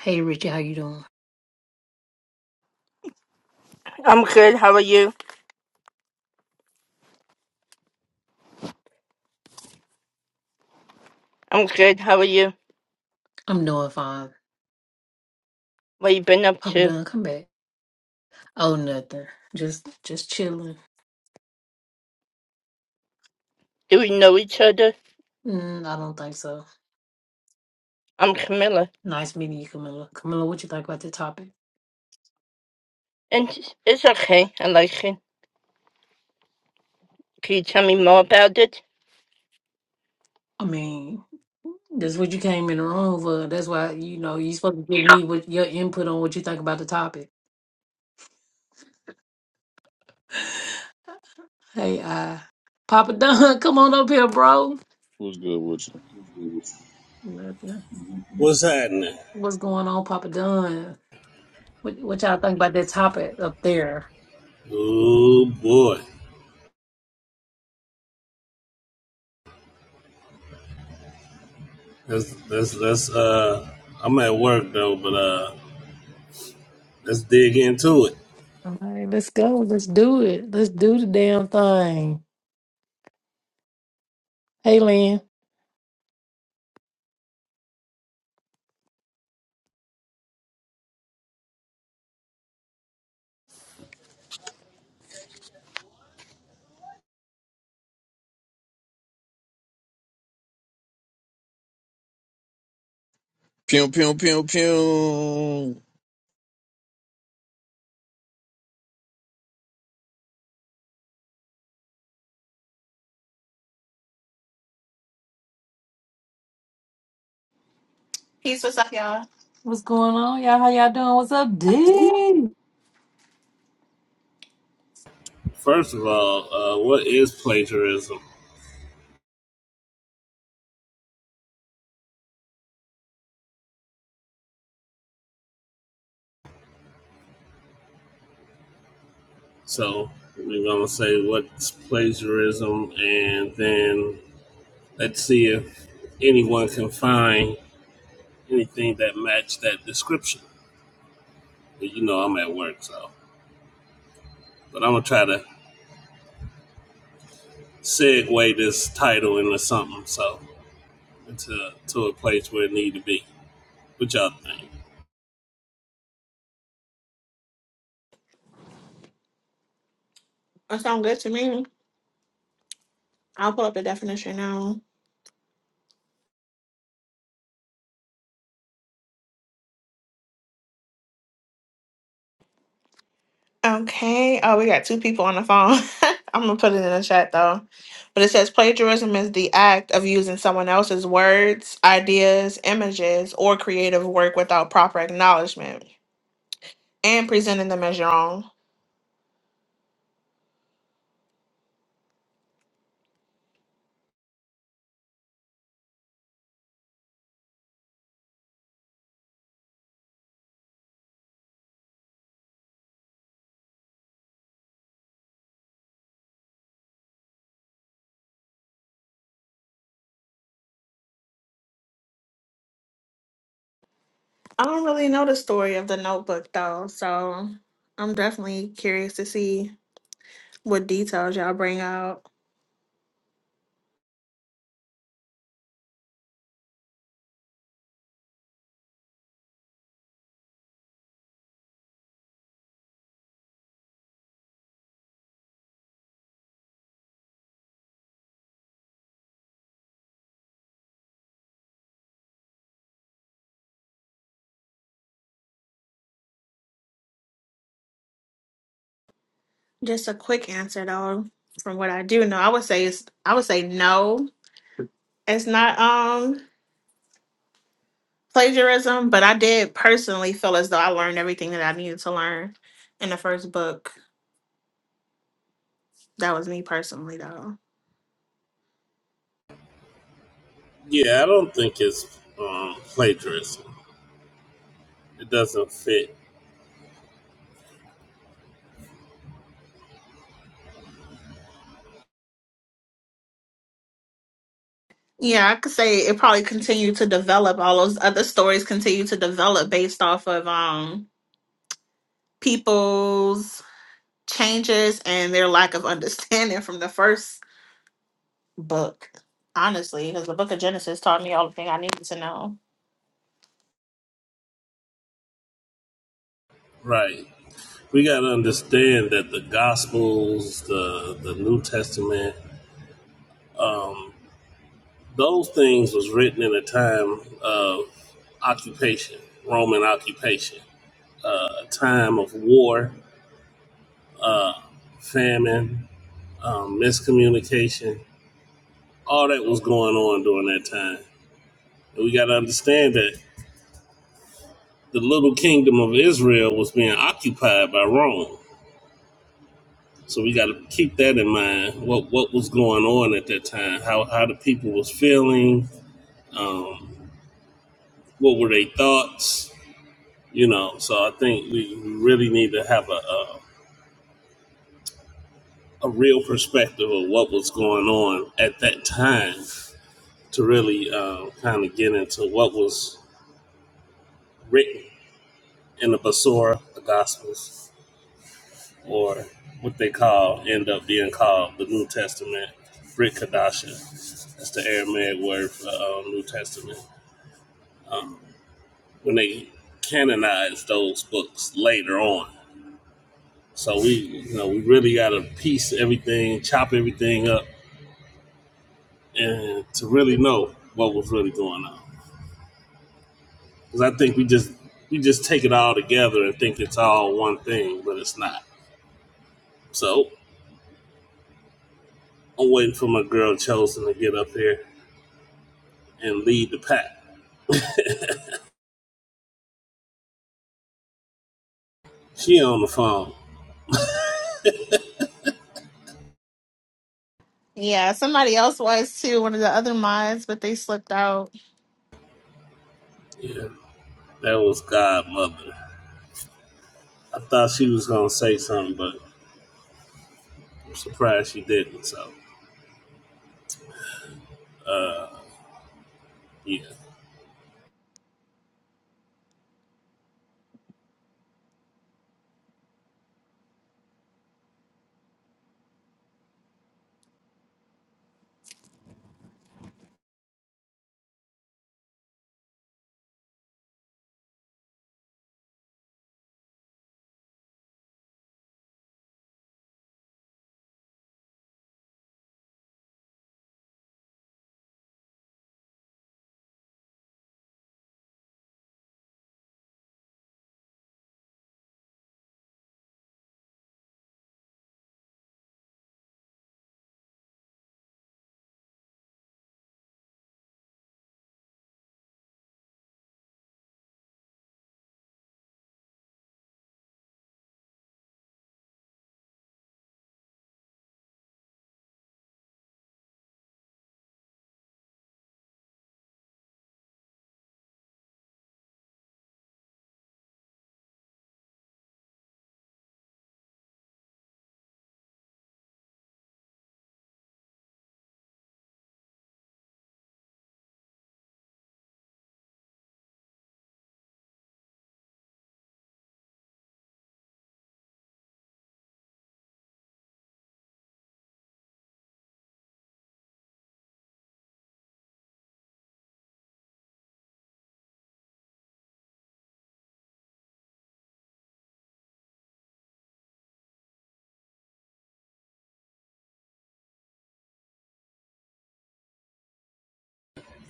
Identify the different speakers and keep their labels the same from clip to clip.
Speaker 1: Hey Richie, how you doing?
Speaker 2: I'm good. How are you? I'm good. How are you?
Speaker 1: I'm doing fine.
Speaker 2: What you been up
Speaker 1: Papa
Speaker 2: to?
Speaker 1: Dunn, come back. Oh, nothing. Just just chilling.
Speaker 2: Do we know each other?
Speaker 1: Mm, I don't think so.
Speaker 2: I'm Camilla.
Speaker 1: Nice meeting you, Camilla. Camilla, what you think about the topic?
Speaker 2: And it's it's okay. I like it. Can you tell me more about it?
Speaker 1: I mean, that's what you came in the room for. That's why you know you supposed to give me what your input on what you think about the topic. Hey, uh, Papa Dunn, come on up here, bro.
Speaker 3: What's good with you?
Speaker 1: Nothing.
Speaker 4: What's happening?
Speaker 1: What's going on, Papa Dunn? What what y'all think about that topic up there?
Speaker 4: Oh boy, that's that's that's uh, I'm at work though, but uh, let's dig into it.
Speaker 1: All right, let's go. Let's do it. Let's do the damn thing. Hey, Lynn.
Speaker 3: Pew pew pew pew.
Speaker 5: Peace, what's up, y'all?
Speaker 1: What's going on, y'all? How y'all doing? What's up, D?
Speaker 4: First of all, uh, what is plagiarism? So we're gonna say what's plagiarism, and then let's see if anyone can find anything that match that description. You know, I'm at work, so but I'm gonna try to segue this title into something, so into to a place where it need to be. What y'all think?
Speaker 5: That sounds good to me. I'll pull up the definition now. Okay. Oh, we got two people on the phone. I'm gonna put it in the chat though. But it says plagiarism is the act of using someone else's words, ideas, images, or creative work without proper acknowledgement and presenting them as your own. I don't really know the story of the notebook though, so I'm definitely curious to see what details y'all bring out. Just a quick answer though, from what I do know, I would say it's I would say no, it's not um plagiarism, but I did personally feel as though I learned everything that I needed to learn in the first book. That was me personally though.
Speaker 4: Yeah, I don't think it's um, plagiarism. It doesn't fit
Speaker 5: Yeah, I could say it probably continued to develop. All those other stories continue to develop based off of um people's changes and their lack of understanding from the first book. Honestly, because the book of Genesis taught me all the thing I needed to know.
Speaker 4: right. We got to understand that the Gospels, the the New Testament, those things was written in a time of occupation, Roman occupation, uh, a time of war, uh, famine, um, miscommunication. All that was going on during that time. And we got to understand that the little kingdom of Israel was being occupied by Rome So we got to keep that in mind. What what was going on at that time? How how the people was feeling? Um, what were their thoughts? You know. So I think we really need to have a, a a real perspective of what was going on at that time to really uh, kind of get into what was written in the Basora, the Gospels, or what they call end up being called the New Testament, Brit Kadasha. That's the Aramaic word for uh, New Testament. when they canonize those books later on. So we, you know, we really got to piece everything, chop everything up, and to really know what was really going on. Because I think we just we just take it all together and think it's all one thing, but it's not. So I'm waiting for my girl Chosen to get up here and lead the pack. She on the phone.
Speaker 5: Yeah, somebody else was too, one of the other mods, but they slipped out.
Speaker 4: Yeah, that was Godmother. I thought she was gonna say something, but I'm surprised she didn't. So yeah.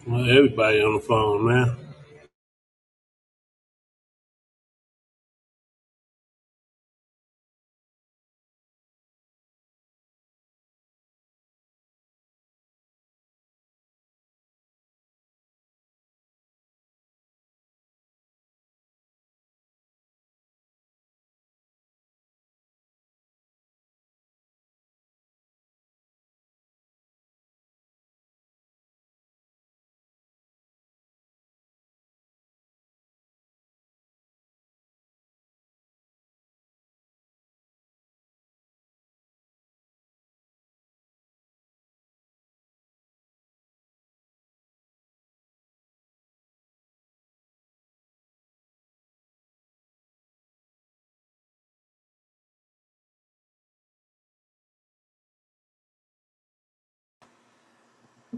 Speaker 4: Well, everybody on the phone man.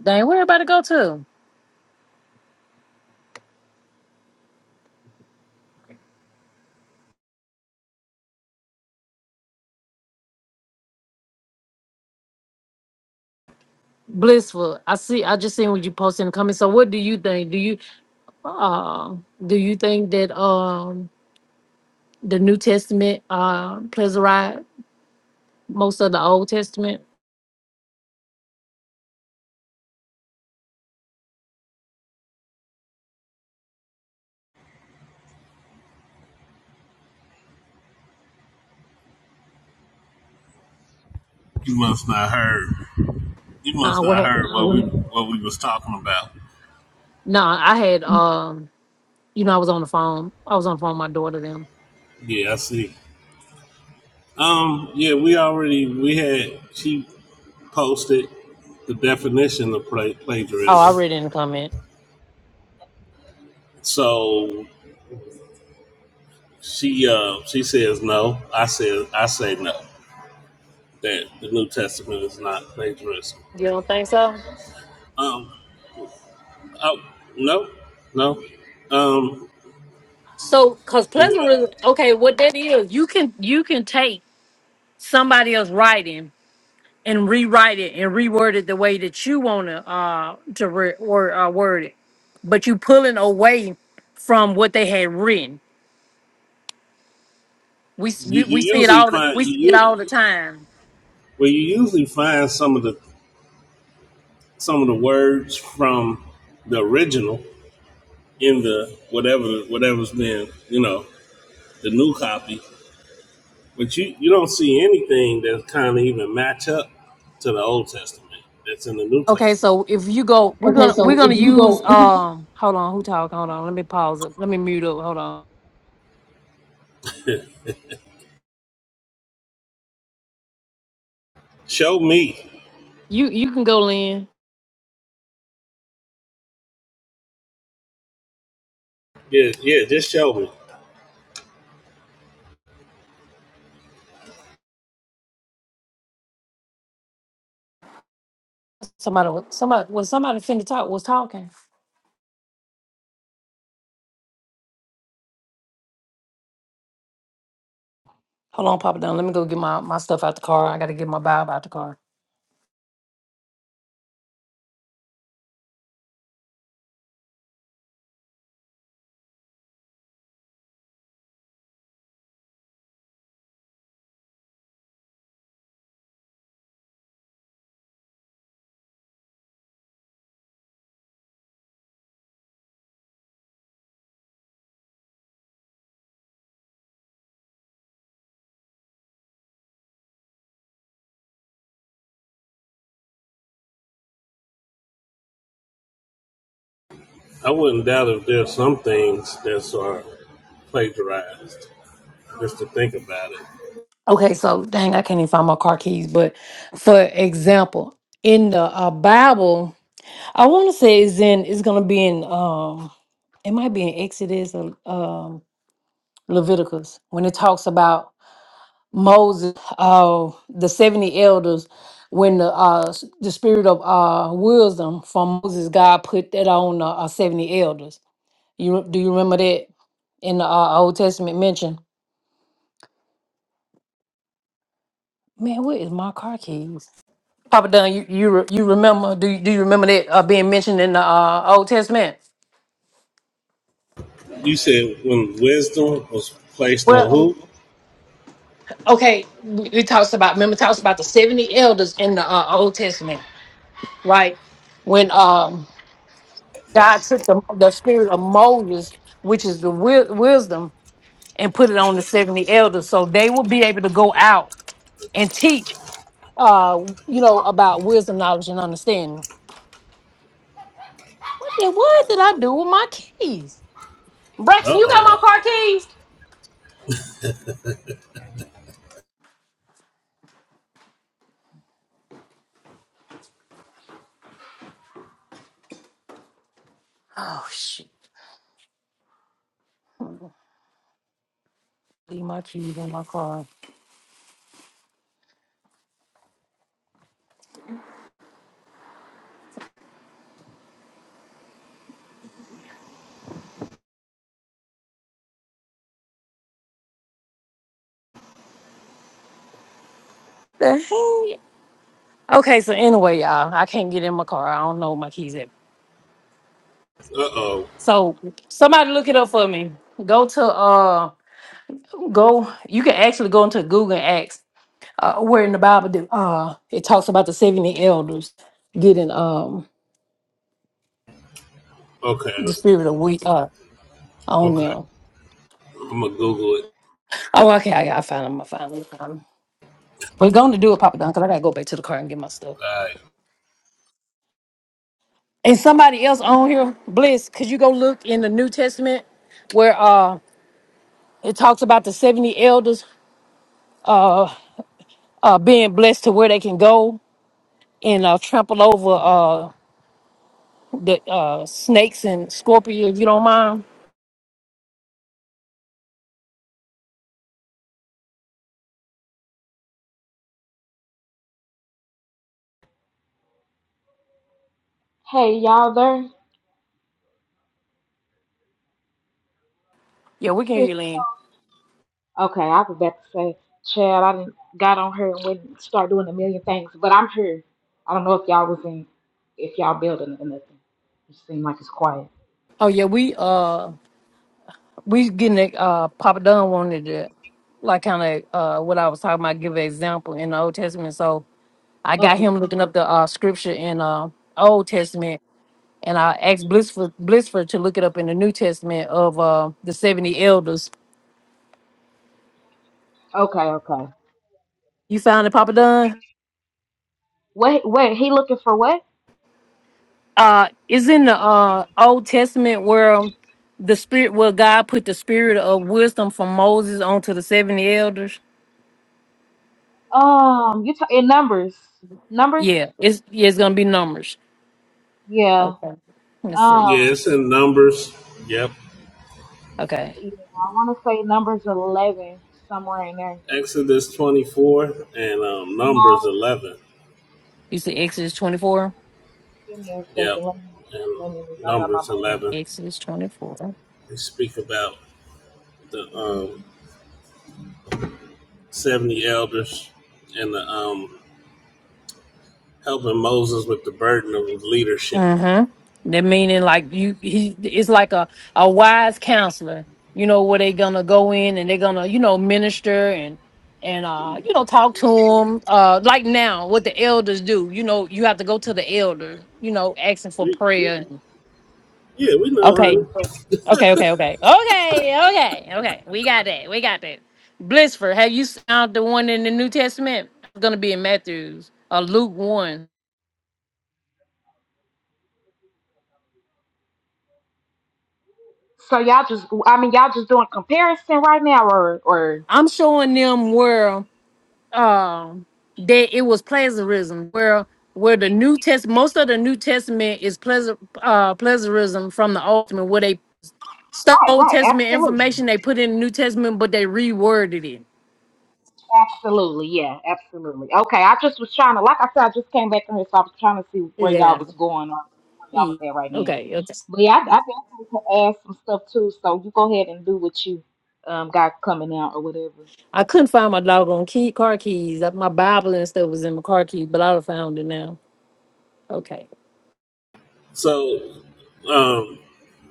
Speaker 1: Dang, where everybody go to? Blissful. I see. I just seen what you posted in the comments. So, what do you think? Do you, uh, do you think that um the New Testament uh plagiarized most of the Old Testament?
Speaker 4: You must not heard. You must
Speaker 1: Uh, what?
Speaker 4: not
Speaker 1: hap-
Speaker 4: heard what we what we was talking about.
Speaker 1: No, I had um, you know, I was on the phone. I was on the phone with my daughter. Them.
Speaker 4: Yeah, I see. Um, yeah, we already we had she posted the definition of pla
Speaker 1: Oh, I
Speaker 4: plagiarism.
Speaker 1: read it in the comment.
Speaker 4: So she uh she says no. I said I say no. That the New Testament is not plagiarism.
Speaker 1: You don't think so?
Speaker 4: Um, oh no, no. Um,
Speaker 1: So, cause
Speaker 4: but what I,
Speaker 1: plagiarism. Okay, what that is, you can you can take somebody else writing. and rewrite it and reword it the way that you want to uh to re- or uh, word it but you pulling away from what they had written we, s-
Speaker 4: you
Speaker 1: we we
Speaker 4: you
Speaker 1: see it
Speaker 4: usually
Speaker 1: all the,
Speaker 4: find
Speaker 1: we
Speaker 4: you,
Speaker 1: see it
Speaker 4: you
Speaker 1: all the time
Speaker 4: well you usually find some of the some of the words from the original in the whatever whatever's been you know the new copy but you you don't see anything that kind of even match up to the old testament that's in the new
Speaker 1: okay
Speaker 4: testament
Speaker 1: so if you go we're
Speaker 4: Okay,
Speaker 1: gonna
Speaker 4: so
Speaker 1: we're gonna
Speaker 4: if you
Speaker 1: use
Speaker 4: go,
Speaker 1: um hold on who talk hold on let me pause it let me mute up hold on
Speaker 4: show me
Speaker 1: you you can go in
Speaker 4: yeah yeah just show me
Speaker 1: somebody wa- somebody was somebody finna talk was talking hold on papa down let me go get my my stuff out the car i gotta get my bible out the car
Speaker 4: i wouldn't doubt if there's some things that are plagiarized just to think about it
Speaker 1: Okay, so dang, I can't even find my car keys. But for example, in the uh, Bible, I want to say it's in. It's gonna be in. Um, it might be in Exodus or um, Leviticus when it talks about Moses, uh, the seventy elders. When the uh, s- the spirit of uh, wisdom from Moses, God put that on the uh, seventy elders. You re- do you remember that in the uh, Old Testament mention? Man, where is my car keys? Papa Dunn, you you, re- you remember? Do you, do you remember that uh, being mentioned in the uh, Old Testament?
Speaker 4: you said when wisdom was placed on
Speaker 1: Well,
Speaker 4: who
Speaker 1: okay, we we talks about remember talks about the seventy elders in the uh, Old Testament, right? When um, God took the, the spirit of Moses, which is the wi- wisdom, and put it on the seventy elders, so they will be able to go out and teach, uh, you know, about wisdom, knowledge, and understanding. What did, what did I do with my keys, Braxton? You got
Speaker 4: uh-oh
Speaker 1: my car keys? Oh shit. Leave my keys in my car. The heck? Okay, so anyway, y'all, I can't get in my car. I don't know where my keys at.
Speaker 4: uh-oh
Speaker 1: So somebody look it up for me. Go to uh go you can actually go into Google and ask uh where in the Bible that uh it talks about the 70 elders getting um
Speaker 4: okay
Speaker 1: the spirit of we uh on
Speaker 4: Okay,
Speaker 1: them.
Speaker 4: I'm gonna Google it.
Speaker 1: Oh okay, I gotta find them, I finally found them. We're gonna do it, Papa Don, because I gotta go back to the car and get my stuff.
Speaker 4: All right.
Speaker 1: And somebody else on here, Bliss, could you go look in the New Testament where uh It talks about the 70 elders uh, uh, being blessed to where they can go and uh, trample over uh, the uh, snakes and scorpions, if you don't mind.
Speaker 6: Hey, y'all there?
Speaker 1: Yeah, we can hear
Speaker 6: Sis,
Speaker 1: you, Lynn.
Speaker 6: okay, I was about to say, Chad, I didn't got on here and went and start doing a million things, but I'm here. I don't know if y'all was in, if y'all building or nothing. It seemed like it's quiet.
Speaker 1: Oh, yeah, we uh, we getting it. Uh, Papa Dunn wanted to, like, kind of uh, what I was talking about, give an example in the Old Testament. So I got
Speaker 6: Okay,
Speaker 1: him looking up the uh, scripture in uh, Old Testament. And I asked Blissford, Blissford to look it up in the New Testament of uh, the 70 elders.
Speaker 6: okay, okay.
Speaker 1: You found it, Papa Dunn?
Speaker 6: Wait, wait, he looking for what?
Speaker 1: uh is in the uh old testament where the spirit where god put the spirit of wisdom from moses onto the 70 elders
Speaker 6: Um, you ta in numbers? Numbers?
Speaker 1: yeah it's yeah, it's gonna be numbers
Speaker 6: Yeah.
Speaker 1: okay let's see
Speaker 6: Um,
Speaker 4: Yeah, it's in Numbers. Yep.
Speaker 1: okay
Speaker 6: yeah, I want to say numbers eleven somewhere in there.
Speaker 4: Exodus 24 and um, Numbers
Speaker 6: No,
Speaker 4: 11.
Speaker 1: you see exodus 24
Speaker 6: give me a
Speaker 4: Yep.
Speaker 6: second. Let me, let me look.
Speaker 4: And
Speaker 6: I got my
Speaker 4: Numbers
Speaker 6: Bible.
Speaker 1: Yeah,
Speaker 4: 11.
Speaker 1: exodus 24
Speaker 4: They speak about the um, 70 elders and the um, helping Moses with the burden of leadership.
Speaker 1: Mm-hmm. That meaning like you, he, it's like a, a wise counselor, you know, where they gonna go in and they're gonna, you know, minister and, and, uh, you know, talk to them. Uh, like now what the elders do, you know, you have to go to the elder, you know, asking for
Speaker 4: We, we,
Speaker 1: prayer. and-
Speaker 4: yeah, we know,
Speaker 1: Okay.
Speaker 4: honey.
Speaker 1: Okay. Okay. Okay. Okay. Okay. Okay. We got that. We got that. Blissford, have you found the one in the New Testament? It's gonna be in Matthew's or Luke 1.
Speaker 6: So y'all just, I mean, y'all just doing comparison right now, or, or
Speaker 1: I'm showing them where. um that it was plagiarism where where the new test most of the new testament is pleasure uh plagiarism from the old testament where they stole
Speaker 6: right,
Speaker 1: old
Speaker 6: right,
Speaker 1: testament
Speaker 6: absolutely,
Speaker 1: information they put in the new testament but they reworded it
Speaker 6: absolutely, yeah, absolutely. Okay, I just was trying to, like I said, I just came back from here, so I was trying to see where y'all
Speaker 1: yeah,
Speaker 6: was going or where y'all
Speaker 1: yeah.
Speaker 6: was at right now.
Speaker 1: okay okay
Speaker 6: But yeah, I, I definitely can add some stuff too. So you go ahead and do what you um got coming out or whatever.
Speaker 1: i couldn't find my doggone key car keys Uh, my bible and stuff was in my car keys but i'd have found it now okay
Speaker 4: So, um,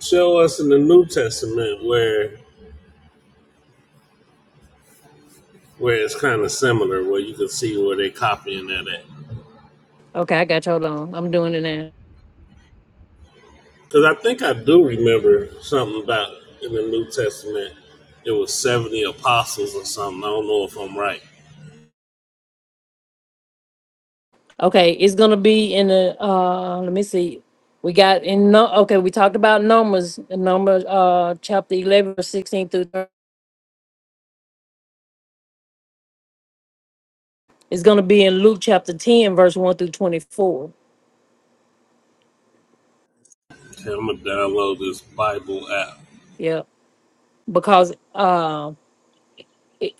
Speaker 4: show us in the New Testament where where it's kind of similar, where you can see where they copying that at.
Speaker 1: okay i got you hold on i'm doing it now
Speaker 4: Because I think I do remember something about in the New Testament, it was 70 apostles or something. I don't know if I'm right.
Speaker 1: Okay, it's gonna be in the, uh, let me see. We got in, no, okay, we talked about numbers, number, uh, chapter eleven, verse sixteen through, 30. it's gonna be in Luke chapter ten, verse one through twenty-four.
Speaker 4: Okay, I'm going to download this Bible app.
Speaker 1: Yeah, because, uh,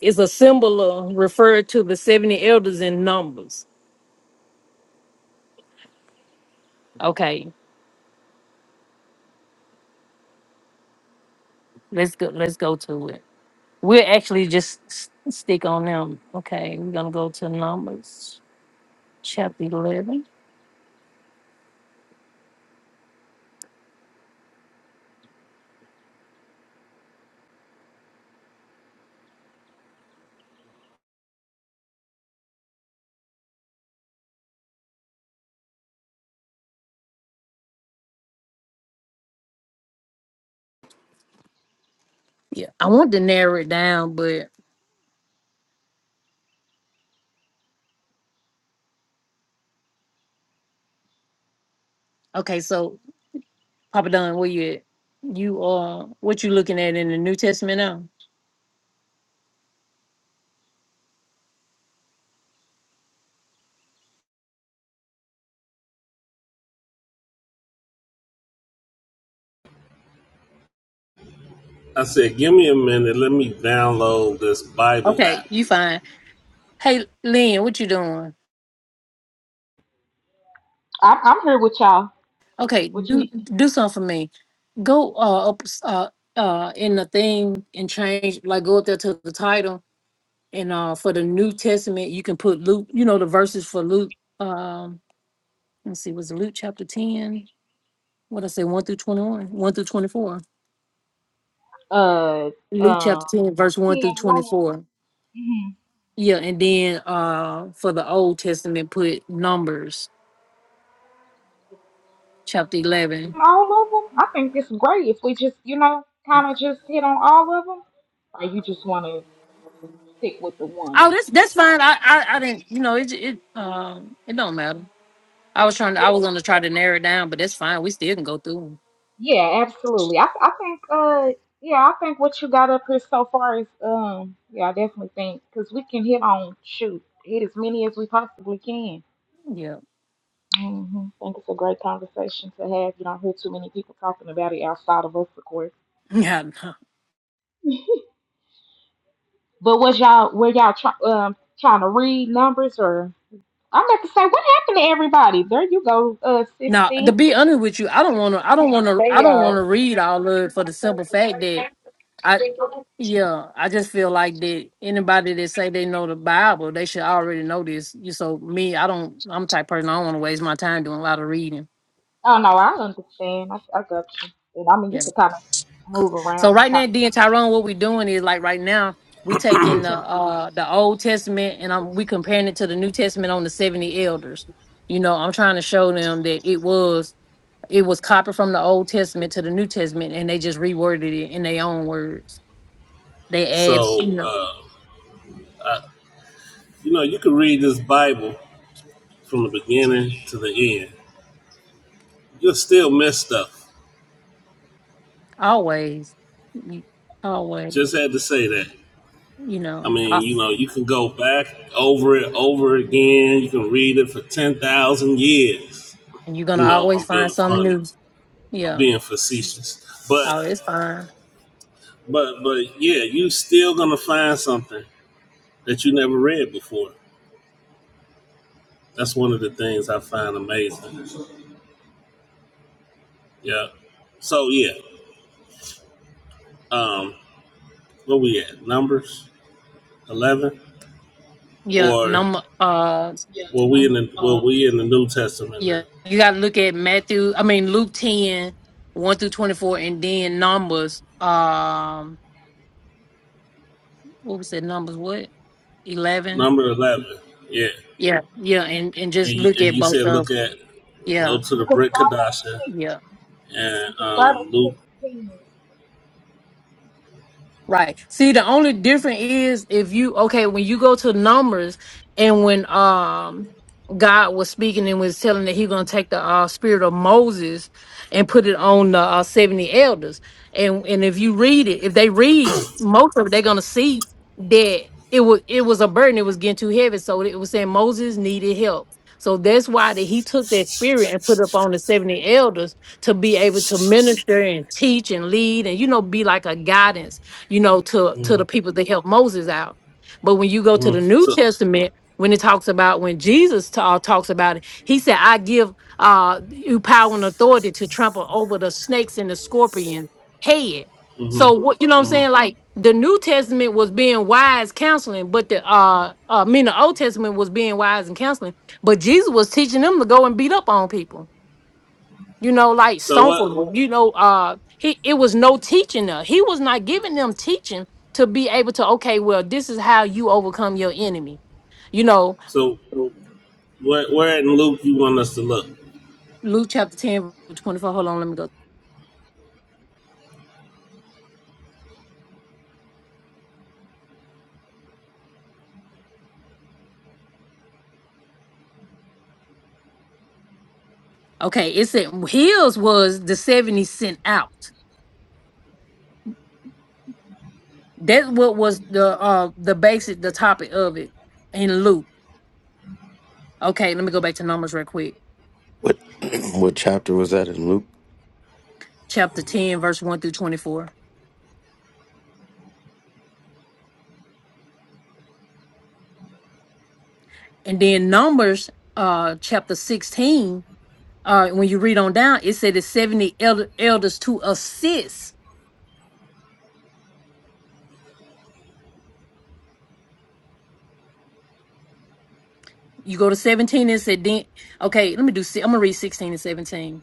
Speaker 1: it's a symbol of- referred to the seventy elders in numbers. Okay, let's go, let's go to it. We'll actually just s- stick on them. Okay, we're gonna go to Numbers, chapter eleven. Yeah, I want to narrow it down, but, okay, so Papa Don, where you at? You uh what you looking at in the New Testament now?
Speaker 4: I said, give me a minute. Let me download this Bible
Speaker 1: Okay,
Speaker 4: app.
Speaker 1: you fine. Hey Lynn, what you doing?
Speaker 6: I, I'm here with y'all.
Speaker 1: Okay,
Speaker 6: What you
Speaker 1: do
Speaker 6: mean?
Speaker 1: do something for me. Go uh up uh uh in the thing and change like go up there to the title and uh for the New Testament you can put Luke, you know the verses for Luke um let's see, was it Luke chapter 10? What I say, 1 through 21, 1 one through 24.
Speaker 6: Uh,
Speaker 1: Luke
Speaker 6: uh,
Speaker 1: chapter 10, verse 1 through
Speaker 6: ten one.
Speaker 1: 24. Yeah, and then uh for the Old Testament, put Numbers chapter eleven.
Speaker 6: all of them. I think it's great if we just, you know, kind of just hit on all of them. Or you just want to stick with the one.
Speaker 1: Oh, that's that's fine. I I, I didn't, you know, it j- it um it don't matter. I was trying. To, I was gonna try to narrow it down, but that's fine. We still can go through
Speaker 6: Yeah, absolutely. I I think uh yeah, I think what you got up here so far is um yeah, I definitely think because we can hit on shoot hit as many as we possibly can.
Speaker 1: them. Yeah.
Speaker 6: hmm I think it's a great conversation to have. You don't hear too many people talking about it outside of us, of course.
Speaker 1: Yeah. no.
Speaker 6: But was y'all were y'all try, um trying to read numbers or? I'm about to say, what happened to everybody? There you go, uh,
Speaker 1: Now, to
Speaker 6: sixty.
Speaker 1: be honest with you, I don't want to. I don't want to.
Speaker 7: Hey
Speaker 1: I don't want to
Speaker 7: y'all.
Speaker 1: read all of it for the simple fact that I. Yeah, I just feel like that anybody that say they know the Bible, they should already know this. You so me, I don't. I'm the type of person I don't want to waste my time doing a lot of reading.
Speaker 6: Oh no, I understand. I, I got you. And I mean, you
Speaker 1: Yeah.
Speaker 6: could kind of move
Speaker 1: So
Speaker 6: around and
Speaker 1: right
Speaker 6: talk.
Speaker 1: now, D and Tyrone, what we're doing is like right now, we taking the uh the Old Testament and I'm we comparing it to the New Testament on the 70 elders. You know, I'm trying to show them that it was it was copied from the Old Testament to the New Testament and they just reworded it in their own words. They add, you
Speaker 4: So,
Speaker 1: know,
Speaker 4: uh, I, you know, you can read this Bible from the beginning to the end. You'll still miss stuff.
Speaker 1: always, you- always,
Speaker 4: Just had to say that.
Speaker 1: you
Speaker 4: I
Speaker 1: know, al-
Speaker 4: mean, you know, you can go back over it over again. You can read it for 10,000 years
Speaker 1: and you're gonna
Speaker 4: you know, I'm
Speaker 1: always find
Speaker 4: being
Speaker 1: something
Speaker 4: funny.
Speaker 1: new.
Speaker 4: I'm
Speaker 1: Yeah.
Speaker 4: being facetious. But
Speaker 1: Oh, it's fine.
Speaker 4: but but yeah, you still gonna find something that you never read before. That's one of the things I find amazing. Yeah. So yeah. Um where we at? Numbers eleven?
Speaker 1: Yeah,
Speaker 4: Or
Speaker 1: number. uh,
Speaker 4: yeah. well we in the well we in the New Testament now.
Speaker 1: Yeah, you got to look at Matthew. I mean Luke ten one through twenty four, and then Numbers. Um, what was that? Numbers what? Eleven.
Speaker 4: Number eleven. Yeah.
Speaker 1: Yeah, yeah, and and
Speaker 4: And
Speaker 1: just
Speaker 4: you,
Speaker 1: look
Speaker 4: and
Speaker 1: at
Speaker 4: you
Speaker 1: both
Speaker 4: said
Speaker 1: of.
Speaker 4: look at go
Speaker 1: Yeah,
Speaker 4: to
Speaker 6: You
Speaker 4: the
Speaker 6: could
Speaker 4: Brit
Speaker 6: start.
Speaker 4: Kadasha
Speaker 1: yeah.
Speaker 6: You
Speaker 4: and
Speaker 6: could start at
Speaker 4: um
Speaker 6: sixteen.
Speaker 1: Right. See, the only difference is if you okay when you go to Numbers and when um God was speaking and was telling that He gonna take the uh, spirit of Moses and put it on the uh, seventy elders, and and if you read it, if they read most of it, they're gonna see that it was it was a burden, it was getting too heavy, so it was saying Moses needed help. So that's why that he took that spirit and put it up on the 70 elders to be able to minister and teach and lead and you know be like a guidance you know, to to the
Speaker 4: Luke.
Speaker 1: people that helped Moses out. But when you go to
Speaker 4: hmm
Speaker 1: the New
Speaker 4: So
Speaker 1: Testament, when it talks about when Jesus ta- uh, talks about it, he said, "I give uh, you power and authority to trample over the snakes and the scorpion head."
Speaker 4: hmm
Speaker 1: So what you know what I'm
Speaker 4: hmm
Speaker 1: saying? Like the New Testament was being wise counseling, but the uh, uh I mean the Old Testament was being wise and counseling, but Jesus was teaching them to go and beat up on people you know, like
Speaker 4: so what?
Speaker 1: Stomper, you know, uh, he it was no teaching there. He was not giving them teaching to be able to, okay, well, this is how you overcome your enemy. You know,
Speaker 4: So where where in Luke you want us to look?
Speaker 1: Luke chapter 10, verse 24. Hold on, let me go. Okay, it said heels was the 70 sent out. That's what was the uh the basic the topic of it in Luke. Okay, let me go back to Numbers real quick.
Speaker 8: What what chapter was that in Luke?
Speaker 1: Chapter 10, verse 1 through 24. And then Numbers uh chapter 16. uh when you read on down it said the 70 elder, elders to assist you go to 17 and said then okay let me do si- i'm gonna read 16 and 17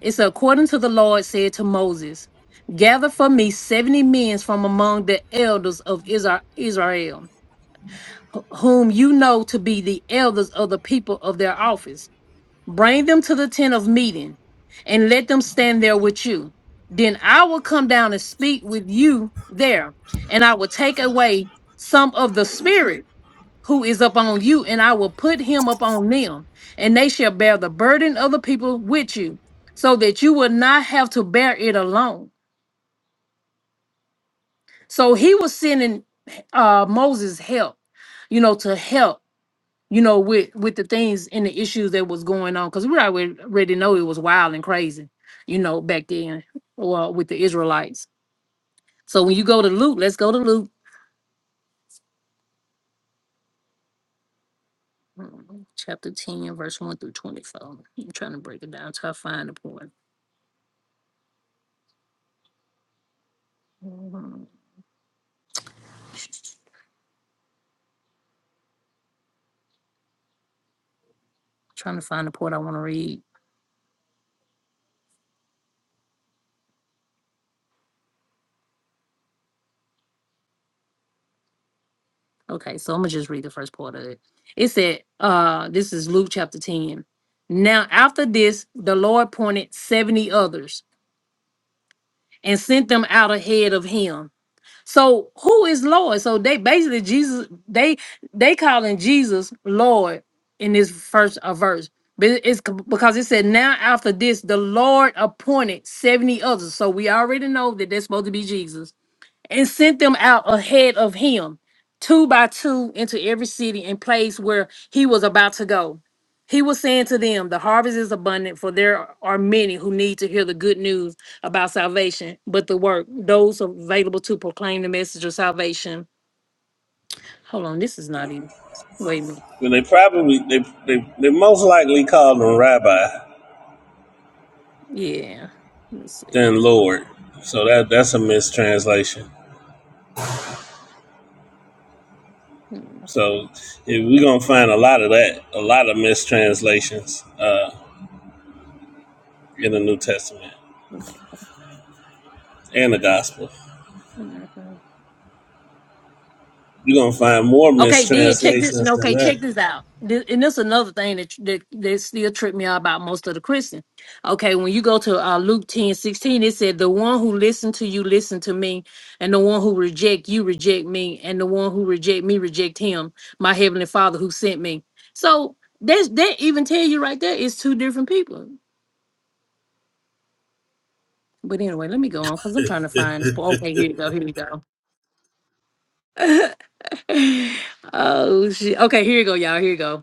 Speaker 1: it's according to the lord said to moses gather for me 70 men from among the elders of Isra- israel whom you know to be the elders of the people of their office Bring them to the tent of meeting and let them stand there with you. Then I will come down and speak with you there, and I will take away some of the spirit who is upon you, and I will put him upon them, and they shall bear the burden of the people with you, so that you will not have to bear it alone. So he was sending uh, Moses help, you know, to help you know, with with the things and the issues that was going on, because we already already know it was wild and crazy, you know, back then, well, with the Israelites. So when you go to Luke, let's go to Luke mm, chapter 10, verse 1 through 24. I'm trying to break it down till I find the point. Mhm. Trying to find the part I want to read. Okay, so I'm gonna just read the first part of it. It said, uh, this is Luke chapter 10. Now after this, the Lord appointed 70 others and sent them out ahead of him So who is Lord? So they basically Jesus they they calling Jesus Lord in this first uh, verse. But it- it's c- because it said now after this the Lord appointed 70 others. So we already know that that's supposed to be Jesus and sent them out ahead of him, two by two, into every city and place where he was about to go. He was saying to them, The harvest is abundant, for there are many who need to hear the good news about salvation, but the work, those available to proclaim the message of salvation. Hold on, this is not even. Wait a minute.
Speaker 4: Well, they probably they they they most likely called him rabbi
Speaker 1: Yeah. Let's see.
Speaker 4: than
Speaker 1: Hold on.
Speaker 4: Lord. So that that's a mistranslation.
Speaker 1: Hmm,
Speaker 4: So yeah, we're gonna find a lot of that, a lot of mistranslations uh, in the New Testament
Speaker 1: Okay.
Speaker 4: and the Gospel.
Speaker 1: Hmm.
Speaker 4: You're gonna find more
Speaker 1: Okay, then check this.
Speaker 4: mistranslations
Speaker 1: no,
Speaker 4: than
Speaker 1: Okay,
Speaker 4: that.
Speaker 1: check this out. This, and this is another thing that, that that still tripped me out about most of the Christian. Okay, when you go to uh, Luke 10 16, it said, "The one who listened to you listened to me, and the one who reject you reject me, and the one who reject me reject him, my heavenly Father who sent me." So that's that even tell you right there it's two different people. But anyway, let me go on because I'm trying to find this. po- Okay, here you go. Here you go. oh shit. Okay, here you go, y'all. Here you go.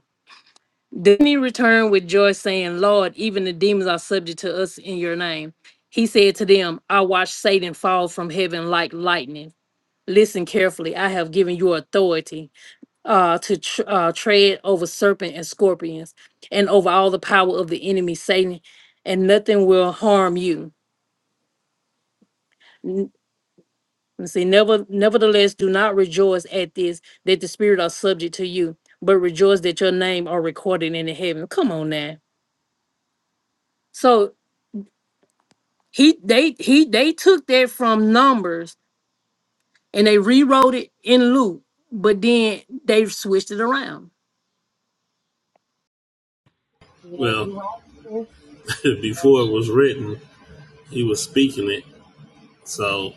Speaker 1: Then he returned with joy, saying, Lord, even the demons are subject to us in your name. He said to them, I watched Satan fall from heaven like lightning. Listen carefully. I have given you authority uh, to tr- uh, tread over serpent and scorpions and over all the power of the enemy, Satan, and nothing will harm you. N- let's see, never, nevertheless, do not rejoice at this that the spirit are subject to you, but rejoice that your name are recorded in the heaven. Come on now. So He they he they took that from numbers and they rewrote it in Luke, but then they switched it around.
Speaker 6: Yeah,
Speaker 4: Well,
Speaker 6: you right, sis. Oh,
Speaker 4: before it was written, he was speaking it. So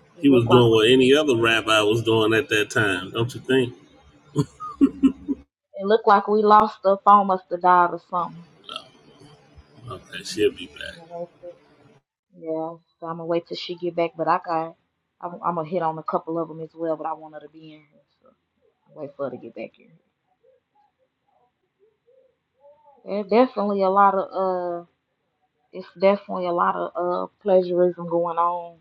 Speaker 6: shit. It
Speaker 4: he was
Speaker 6: looked like
Speaker 4: doing
Speaker 6: we.
Speaker 4: what any other rabbi was doing at that time, don't you think?
Speaker 6: It looked like we lost the phone. Must have died or something.
Speaker 4: Okay, she'll be
Speaker 6: I'm
Speaker 4: back.
Speaker 6: gonna wait till- Yeah, so I'm gonna wait till she get back. But I got. I'm, I'm gonna hit on a couple of them as well. But I want her to be in here, so I'll wait for her to get back here. There's definitely a lot of uh, it's definitely a lot of uh plagiarism going on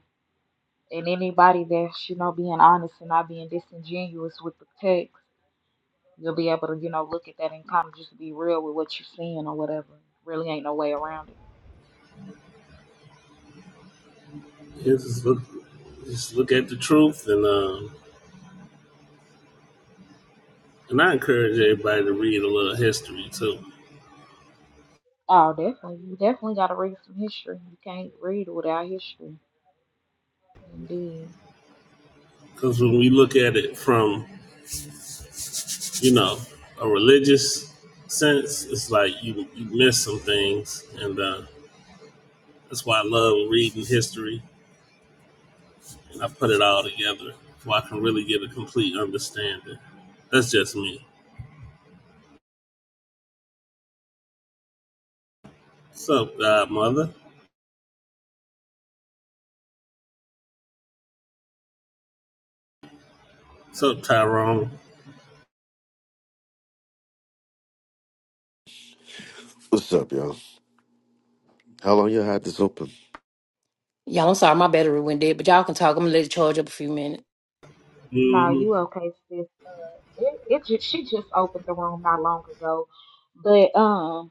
Speaker 6: and anybody that's you know being honest and not being disingenuous with the text you'll be able to you know look at that and kind of just be real with what you're seeing or whatever really ain't no way around it
Speaker 4: Yeah, just look, just look at the truth, and uh, and I encourage everybody to read a little history too,
Speaker 6: oh definitely you definitely got to read some history you can't read without history indeed
Speaker 4: because when we look at it from, you know, a religious sense, it's like you you miss some things, and uh, that's why I love reading history, and I put it all together so I can really get a complete understanding. That's just me. So, Godmother, so Tyrone,
Speaker 8: What's up, y'all? How long y'all had this open?
Speaker 1: Y'all, I'm sorry, my battery went dead, but y'all can talk. I'm gonna let it charge up a few minutes.
Speaker 6: no
Speaker 4: hmm
Speaker 6: you okay sis it, it just, she just opened the room not long ago but um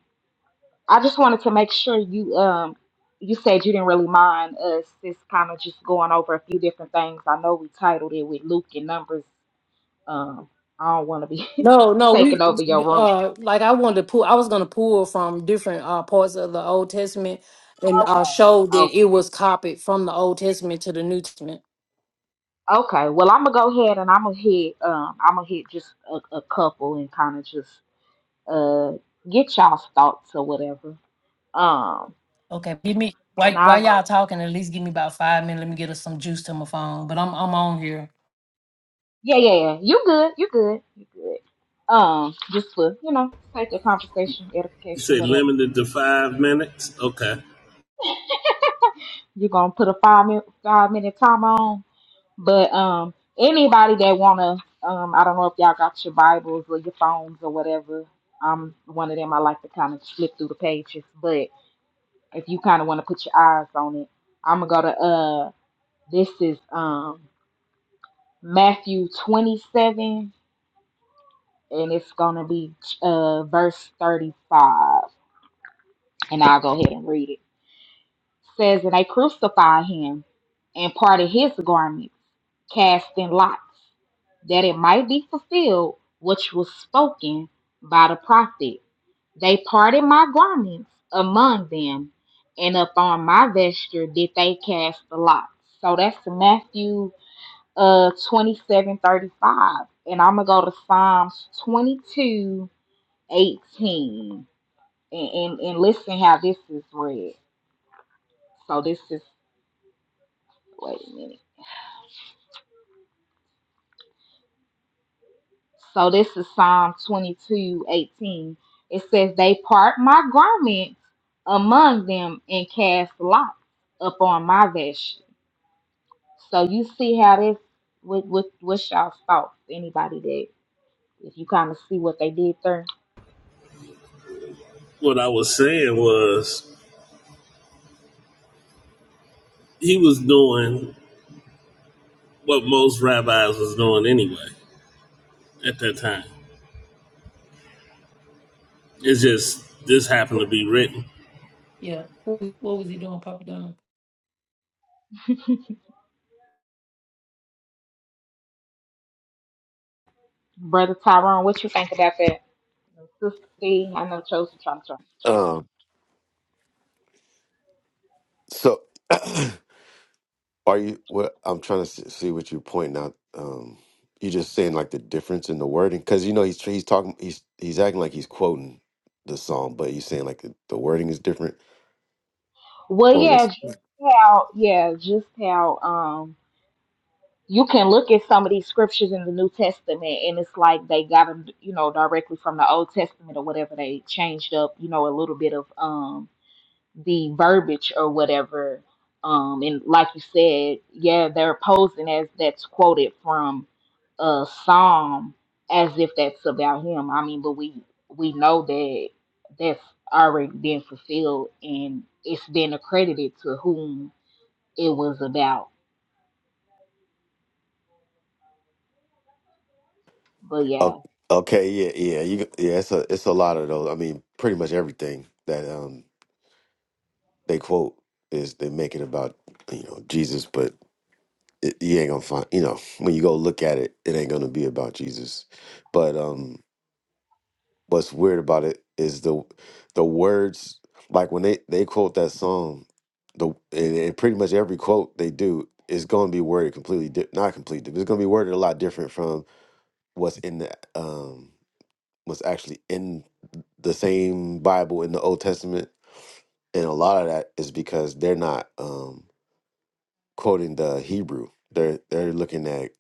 Speaker 6: I just wanted to make sure you um you said you didn't really mind us just kind of just going over a few different things. I know we titled it with Luke and Numbers. Um, I don't want to be
Speaker 1: No, no, we
Speaker 6: taking over your room.
Speaker 1: Uh, like I wanted to pull, I was gonna pull from different uh parts of the Old Testament and uh
Speaker 6: Okay.
Speaker 1: show
Speaker 6: Oh,
Speaker 1: that it was copied from the Old Testament to the New Testament.
Speaker 6: okay. Well, I'm gonna go ahead and I'm gonna hit um I'm gonna hit just a, a couple and kind of just uh get y'all's thoughts or whatever. Um,
Speaker 1: Okay, give me while
Speaker 6: and I'll
Speaker 1: while
Speaker 6: go.
Speaker 1: y'all talking, at least give me about five minutes. Let me get us some juice to my phone. But I'm I'm on here.
Speaker 6: Yeah, yeah, yeah. You good? You good? You good? Um, just for you know, sake of conversation,
Speaker 4: you
Speaker 6: edification,
Speaker 4: say
Speaker 6: whatever.
Speaker 4: limited to five minutes. Okay.
Speaker 6: You're gonna put a five minute five minute time on. But um anybody that wanna um I don't know if y'all got your Bibles or your phones or whatever. I'm one of them I like to kind of flip through the pages, but if you kinda wanna put your eyes on it, I'm gonna go to uh this is um Matthew twenty seven and it's gonna be uh verse thirty five and I'll go ahead and read it. Says and they crucified him and parted his garment casting lots, that it might be fulfilled which was spoken by the prophet. They parted my garments among them, and upon my vesture did they cast the lot. So that's Matthew uh twenty seven thirty five. And I'm gonna go to Psalms twenty two eighteen. And, and and listen how this is read. So this is wait a minute. So this is Psalm 22 18. It says, They part my garments among them and cast lots upon my vesture. So you see how this, what, what, what's y'all's thoughts? Anybody that, if you kind of see what they did there.
Speaker 4: What I was saying was he was doing what most rabbis was doing anyway at that time. It's just this happened to be written
Speaker 1: Yeah. What, what was he doing, Papa Don?
Speaker 6: Brother Tyrone, what you think about that? Sister C, I know Chosen trying to turn.
Speaker 8: Um, so are you? What I'm trying to see see what you're pointing out. Um, you just saying like the difference in the wording because you know he's he's talking he's he's acting like he's quoting the psalm, but you're saying like the, the wording is different.
Speaker 6: Well,
Speaker 8: Or
Speaker 6: yeah,
Speaker 8: was
Speaker 6: just how, yeah, just how, um, you can look at some of these scriptures in the New Testament, and it's like they got them, you know, directly from the Old Testament or whatever. They changed up, you know, a little bit of um the verbiage or whatever. Um, and like you said, yeah, they're posing as that's quoted from a psalm as if that's about him. I mean, but we we know that that's already been fulfilled and it's been accredited to whom it was about. But
Speaker 8: o-
Speaker 6: yeah,
Speaker 8: okay, yeah, yeah, you yeah. It's a it's a lot of those. I mean, pretty much everything that um they quote is they make it about you know Jesus, but it, you ain't gonna find you know when you go look at it it ain't gonna be about jesus but um what's weird about it is the the words like when they they quote that song the and, and pretty much every quote they do is gonna be worded completely di- not completely but it's gonna be worded a lot different from what's in the um what's actually in the same bible in the old testament and a lot of that is because they're not um quoting the Hebrew. They're they're looking at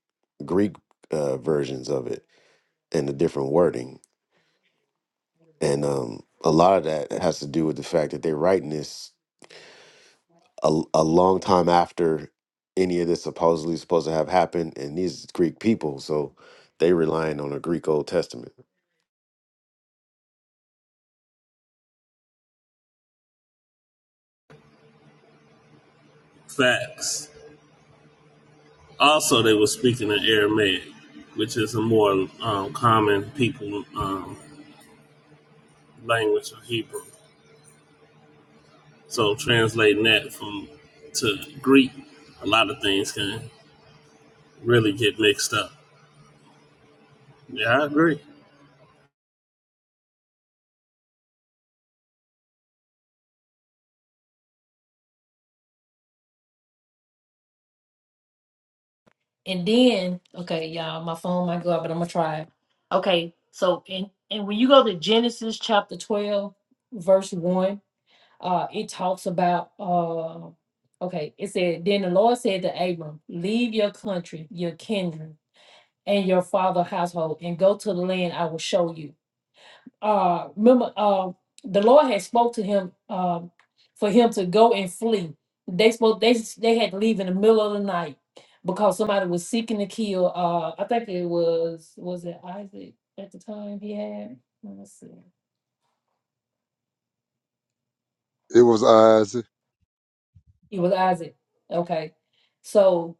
Speaker 8: Greek uh, versions of it and the different wording, and um, a lot of that has to do with the fact that they're writing this a, a long time after any of this supposedly supposed to have happened, and these is Greek people, so they relying on a Greek Old Testament.
Speaker 4: facts. Also, they were speaking in Aramaic, which is a more um, common people um, language of Hebrew. So translating that from to Greek, a lot of things can really get mixed up. Yeah, I agree.
Speaker 1: And then, okay, y'all, my phone might go out, but I'm gonna try it. Okay, so and and when you go to Genesis chapter 12, verse 1, uh, it talks about uh okay, it said, Then the Lord said to Abram, Leave your country, your kindred, and your father's household, and go to the land I will show you uh remember uh the lord had spoke to him um for him to go and flee they spoke they they had to leave in the middle of the night because somebody was seeking to kill uh i think it was was it isaac at the time he had let me see
Speaker 9: It was Isaac.
Speaker 1: it was isaac okay so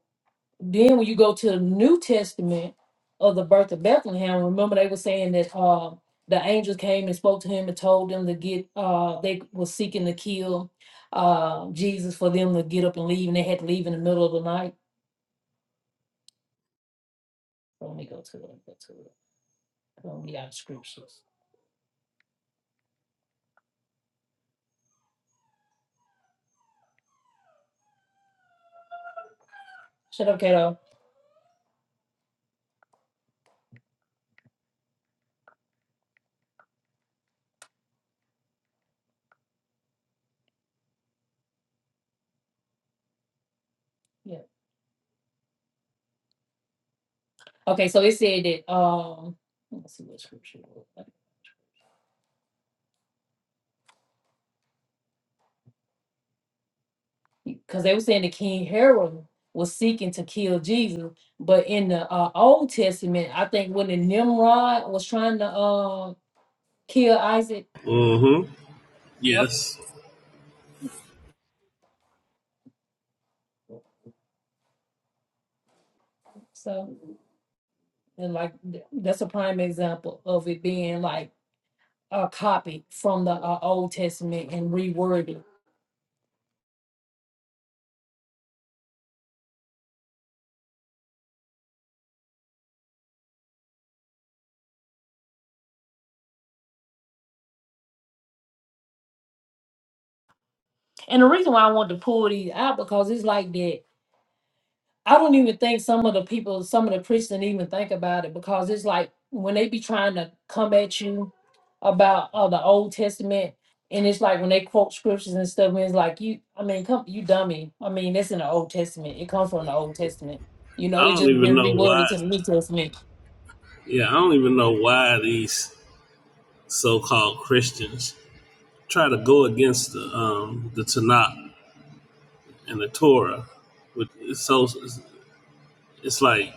Speaker 1: Then when you go to the New Testament of the birth of Bethlehem, remember they were saying that uh, the angels came and spoke to him and told them to get uh, they were seeking to kill uh, Jesus for them to get up and leave, and they had to leave in the middle of the night. Let me go to it. Go to it. Let me out of scriptures. Shut up, Kato. Yeah. Okay, so it said that. Um, let's see what scripture. it was. because they were saying that King Herod was seeking to kill Jesus. But in the uh, Old Testament, I think when the Nimrod was trying to uh, kill Isaac,
Speaker 4: Mm-hmm.
Speaker 6: yep.
Speaker 4: Yes.
Speaker 1: so and like th- that's a prime example of it being like a copy from the uh, Old Testament and reworded. And the reason why I wanted to pull these out because it's like that I don't even think some of the people, some of the priests didn't even think about it because it's like when they be trying to come at you about uh, the Old Testament, and it's like when they quote scriptures and stuff, and it's like you, I mean, come, you dummy. I mean, that's in the Old Testament. It comes from the Old Testament. You
Speaker 4: I
Speaker 1: know, it
Speaker 4: don't
Speaker 1: just
Speaker 4: even
Speaker 1: been
Speaker 4: know
Speaker 1: reworded
Speaker 4: why.
Speaker 1: to the New Testament.
Speaker 4: Yeah, I don't even know why these so-called Christians try to go against the um, the Tanakh and the Torah. With so it's, it's like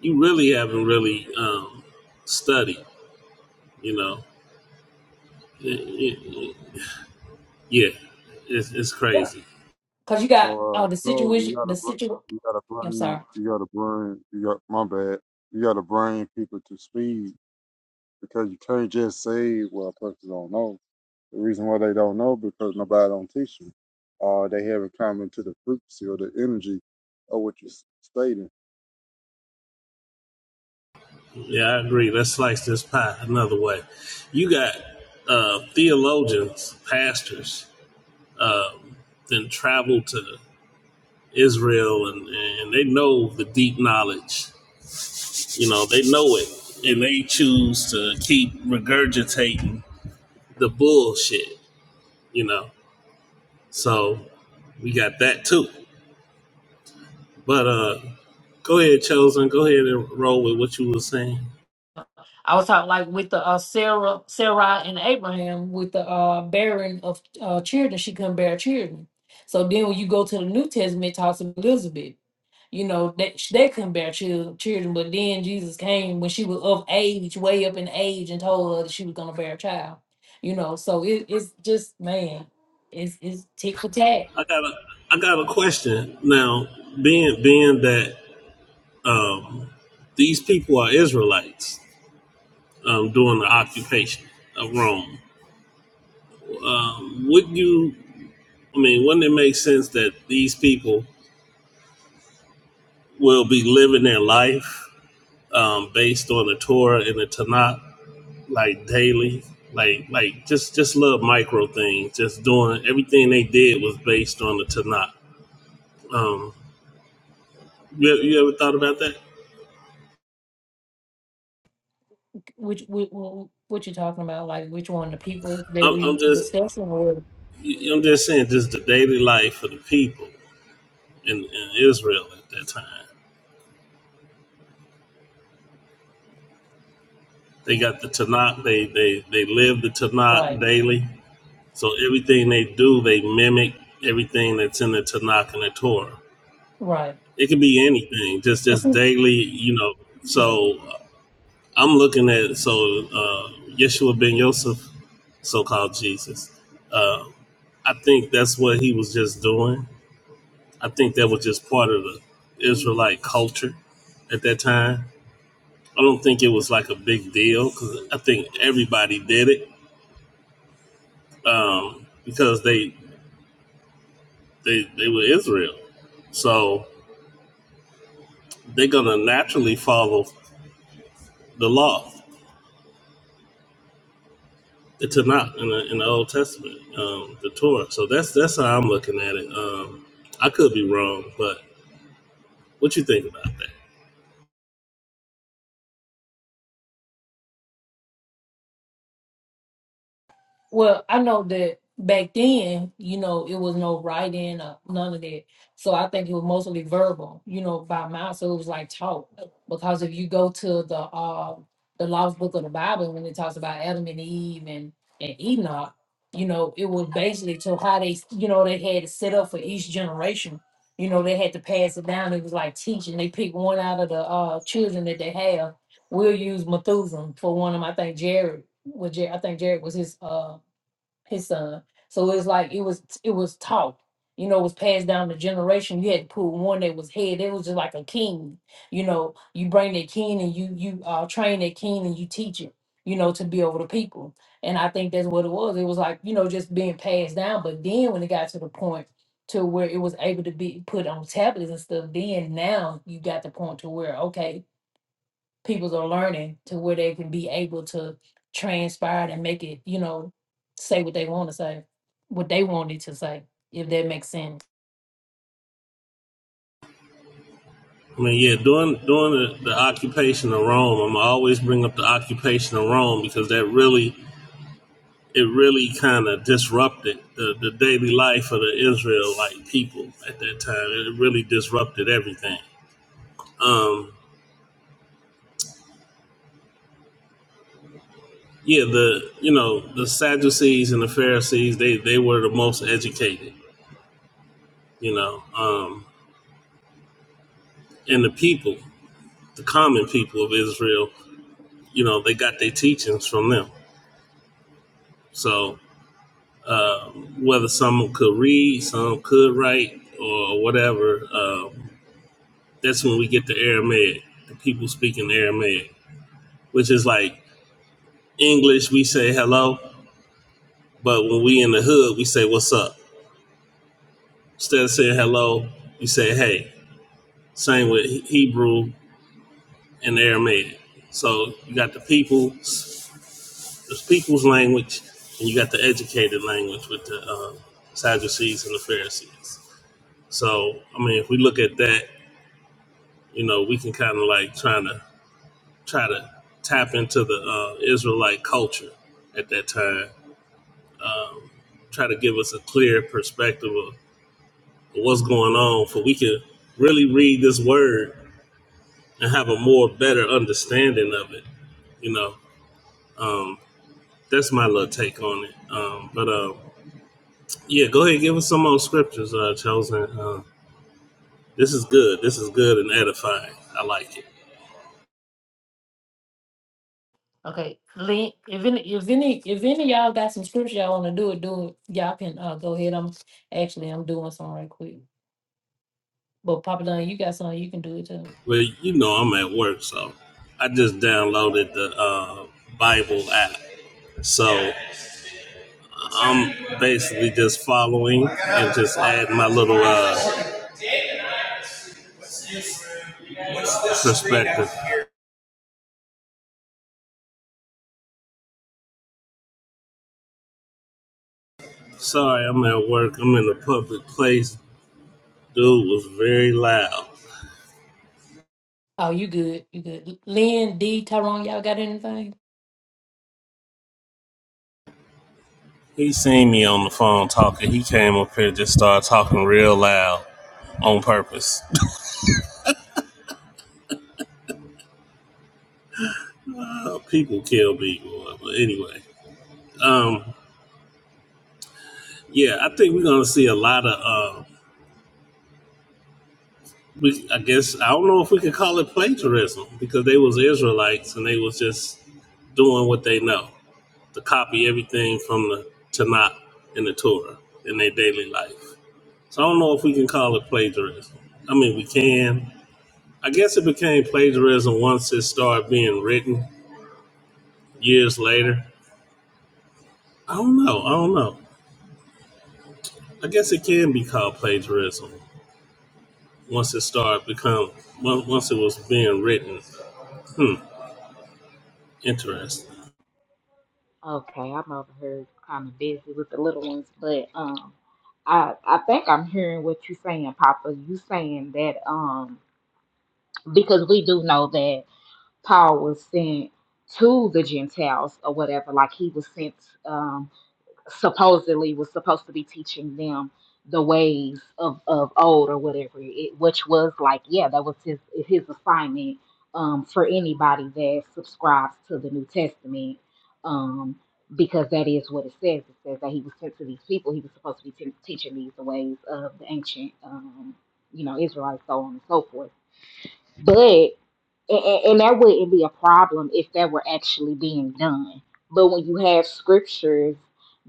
Speaker 4: you really haven't really um, studied, you know. It- it- it, yeah, it's, it's crazy.
Speaker 1: Because you got
Speaker 9: So,
Speaker 1: uh,
Speaker 9: uh,
Speaker 1: the
Speaker 9: so you
Speaker 1: situation,
Speaker 9: gotta,
Speaker 1: the
Speaker 9: br-
Speaker 1: situation.
Speaker 9: you gotta
Speaker 1: I'm
Speaker 9: bring,
Speaker 1: sorry
Speaker 9: you gotta bring, you got my bad. You gotta bring people to speed because you can't just say, "Well, person don't know." The reason why they don't know because nobody don't teach them, or they haven't come into the frequency or the energy of what you s- stated.
Speaker 4: Yeah, I agree. Let's slice this pie another way. You got uh, theologians, pastors, um, then travel to Israel, and, and they know the deep knowledge You know, they know it and they choose to keep regurgitating the bullshit, you know. So we got that too. But uh go ahead, Chosen, go ahead and roll with what you were saying.
Speaker 1: I was talking like with the uh, Sarah, Sarah and Abraham with the uh, bearing of uh, children. She couldn't bear children. So then when you go to the New Testament, it talks of Elizabeth. You know that they, they couldn't bear chil- children, but then Jesus came when she was of age, way up in age, and told her that she was gonna bear a child. You know, so it, it's just man, it's it's tick for tack.
Speaker 4: I got a I got a question. Now, being being that um these people are Israelites um during the occupation of Rome, um, would you I mean, wouldn't it make sense that these people will be living their life um, based on the Torah and the Tanakh, like daily, like like just just little micro things. Just doing everything they did was based on the Tanakh. Um, you, you ever thought about that?
Speaker 1: Which what, what you talking about? Like which one the people that
Speaker 4: I'm,
Speaker 1: we
Speaker 4: I'm just
Speaker 1: discussing or
Speaker 4: I'm just saying, just the daily life of the people in, in Israel at that time. They got the Tanakh. They they they live the Tanakh
Speaker 1: right,
Speaker 4: daily. So everything they do, they mimic everything that's in the Tanakh and the Torah.
Speaker 1: right?
Speaker 4: It can be anything, just
Speaker 1: But
Speaker 4: just
Speaker 1: see-
Speaker 4: daily, you know.
Speaker 1: yeah.
Speaker 4: So uh, I'm looking at so uh, Yeshua ben Yosef, so-called Jesus. Uh, I think that's what he was just doing. I think that was just part of the Israelite culture at that time. I don't think it was like a big deal because I think everybody did it um, because they they they were Israel, so they're gonna naturally follow the law. It's a knock in the, in the Old Testament, um, the Torah. So that's that's how I'm looking at it. Um, I could be wrong, but what you think about that?
Speaker 1: Well, I know that back then, you know, it was no writing or none of that. So I think it was mostly verbal, you know, by mouth. So it was like talk. Because if you go to the uh the lost book of the Bible when it talks about Adam and Eve and, and Enoch, you know, it was basically to how they you know, they had it set up for each generation. You know, they had to pass it down. It was like teaching. They picked one out of the uh children that they have. We'll use Methuselah for one of them. I think Jared was Jared, I think Jared was his uh his son. So it's like it was it was taught. You know, it was passed down the generation. You had to put one that was head. It was just like a king. You know, you bring that king and you you uh, train that king and you teach it. You know, to be over the people. And I think that's what it was. It was like you know just being passed down. But then when it got to the point to where it was able to be put on tablets and stuff, then now you got the point to where okay, peoples are learning to where they can be able to transpire it and make it, you know, say what they want to say, what they wanted to say, if that makes sense.
Speaker 4: I mean, yeah, during during the, the occupation of Rome, I'm always bring up the occupation of Rome because that really it really kind of disrupted the, the daily life of the Israelite people at that time. It really disrupted everything. Um, yeah, the you know the Sadducees and the Pharisees they they were the most educated. You know, um, and the people, the common people of Israel, you know, they got their teachings from them. So uh, whether some could read, some could write, or whatever, um, that's when we get the Aramaic, the people speaking Aramaic, which is like English, we say hello, but when we in the hood, we say what's up. Instead of saying hello, we say hey. Same with Hebrew and Aramaic. So you got the people There's people's language, and you got the educated language with the uh, Sadducees and the Pharisees. So, I mean, if we look at that, you know, we can kind of like trying to try to tap into the uh, Israelite culture at that time, um, try to give us a clear perspective of what's going on, for we can really read this word and have a more better understanding of it. You know, um, that's my little take on it. Um, but um, Yeah, go ahead. Give us some more scriptures, uh, chosen. Uh, this is good. This is good and edifying. I like it.
Speaker 1: Okay, Lee, if any, if any, if any of y'all got some scripture y'all want to do it, do it. Y'all can uh, go ahead. I'm actually I'm doing some right quick. But Papa Don, you got something you can do it too.
Speaker 4: Well, you know, I'm at work, so I just downloaded the uh, Bible app. So I'm basically just following and just adding my little uh, perspective. Sorry, I'm at work. I'm in a public place. Dude was very loud.
Speaker 1: Oh, you good? You good? Lynn, D, Tyrone, y'all got anything?
Speaker 4: He seen me on the phone talking. He came up here and just started talking real loud on purpose. Uh, people kill people. But anyway, um, yeah, I think we're gonna see a lot of. Uh, we, I guess I don't know if we could call it plagiarism because they was Israelites and they was just doing what they know to copy everything from the Tanakh and the Torah in their daily life. So I don't know if we can call it plagiarism. I mean, we can. I guess it became plagiarism once it started being written years later. I don't know. I don't know. I guess it can be called plagiarism. once it started become on- once it was being written. Hmm, interesting.
Speaker 6: Okay, I'm over here kind of busy with the little ones, but um, I I think I'm hearing what you're saying, Papa. You saying that um, because we do know that Paul was sent to the Gentiles or whatever, like he was sent. um supposedly was supposed to be teaching them the ways of, of old or whatever it which was like yeah that was his his assignment um for anybody that subscribes to the new testament um because that is what it says it says that he was sent to these people he was supposed to be te- teaching these the ways of the ancient um you know israelites so on and so forth But and, and and that wouldn't be a problem if that were actually being done. But when you have scriptures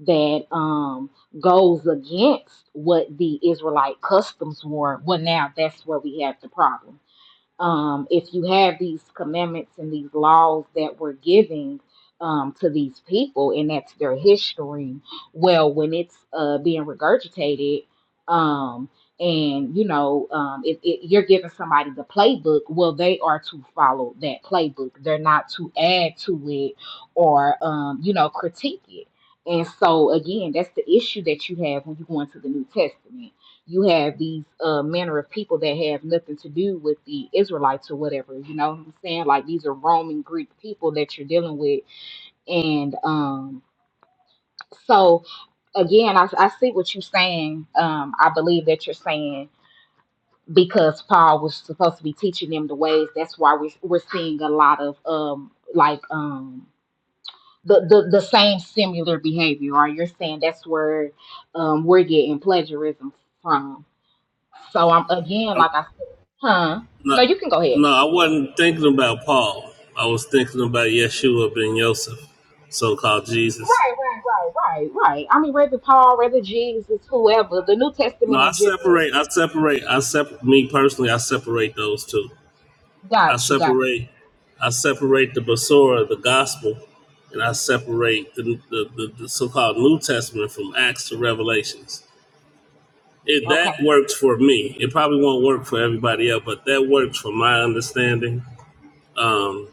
Speaker 6: that um goes against what the Israelite customs were, well, now that's where we have the problem um, if you have these commandments and these laws that we're giving um, to these people, and that's their history, well, when it's uh, being regurgitated, um, and you know, um, if, if you're giving somebody the playbook, well, they are to follow that playbook. They're not to add to it or um, you know critique it. And so again, that's the issue that you have when you go into the New Testament you have these uh, manner of people that have nothing to do with the Israelites or whatever. You know what I'm saying? Like these are Roman Greek people that you're dealing with, and um, so again, I, I see what you're saying. Um, I believe that you're saying because Paul was supposed to be teaching them the ways. That's why we, we're seeing a lot of um, like um, the, the the same similar behavior. Right? You're saying that's where um, we're getting plagiarism from. So I'm again,
Speaker 4: I,
Speaker 6: like I said, huh?
Speaker 4: no,
Speaker 6: No, you can go ahead.
Speaker 4: no, I wasn't thinking about Paul. I was thinking about Yeshua ben Yosef, so-called Jesus.
Speaker 6: Right, right, right, right, right. I mean, whether Paul, whether Jesus, whoever, the New
Speaker 4: No,
Speaker 6: Testament
Speaker 4: I
Speaker 6: in general.
Speaker 4: separate. I separate. I separate. Me personally, I separate those two. I
Speaker 6: Got you, got
Speaker 4: separate. I separate the Basora, the gospel, and I separate the, the, the, the so-called New Testament from Acts to Revelations. It,
Speaker 6: you.
Speaker 4: that works for me. It probably won't work for everybody else, but that works for my understanding. Um,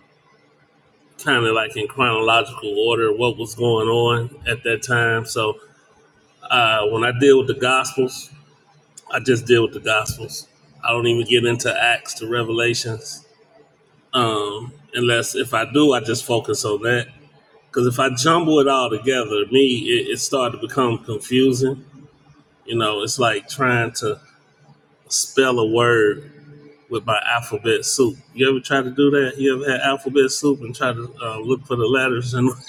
Speaker 4: kind of like in chronological order, what was going on at that time. So uh, when I deal with the Gospels, I just deal with the Gospels. I don't even get into Acts to Revelations, um, unless if I do, I just focus on that. Because if I jumble it all together, me, it, it started to become confusing. You know, it's like trying to spell a word with my alphabet soup. You ever try to do that? You ever had alphabet soup and try to uh, look for the letters and?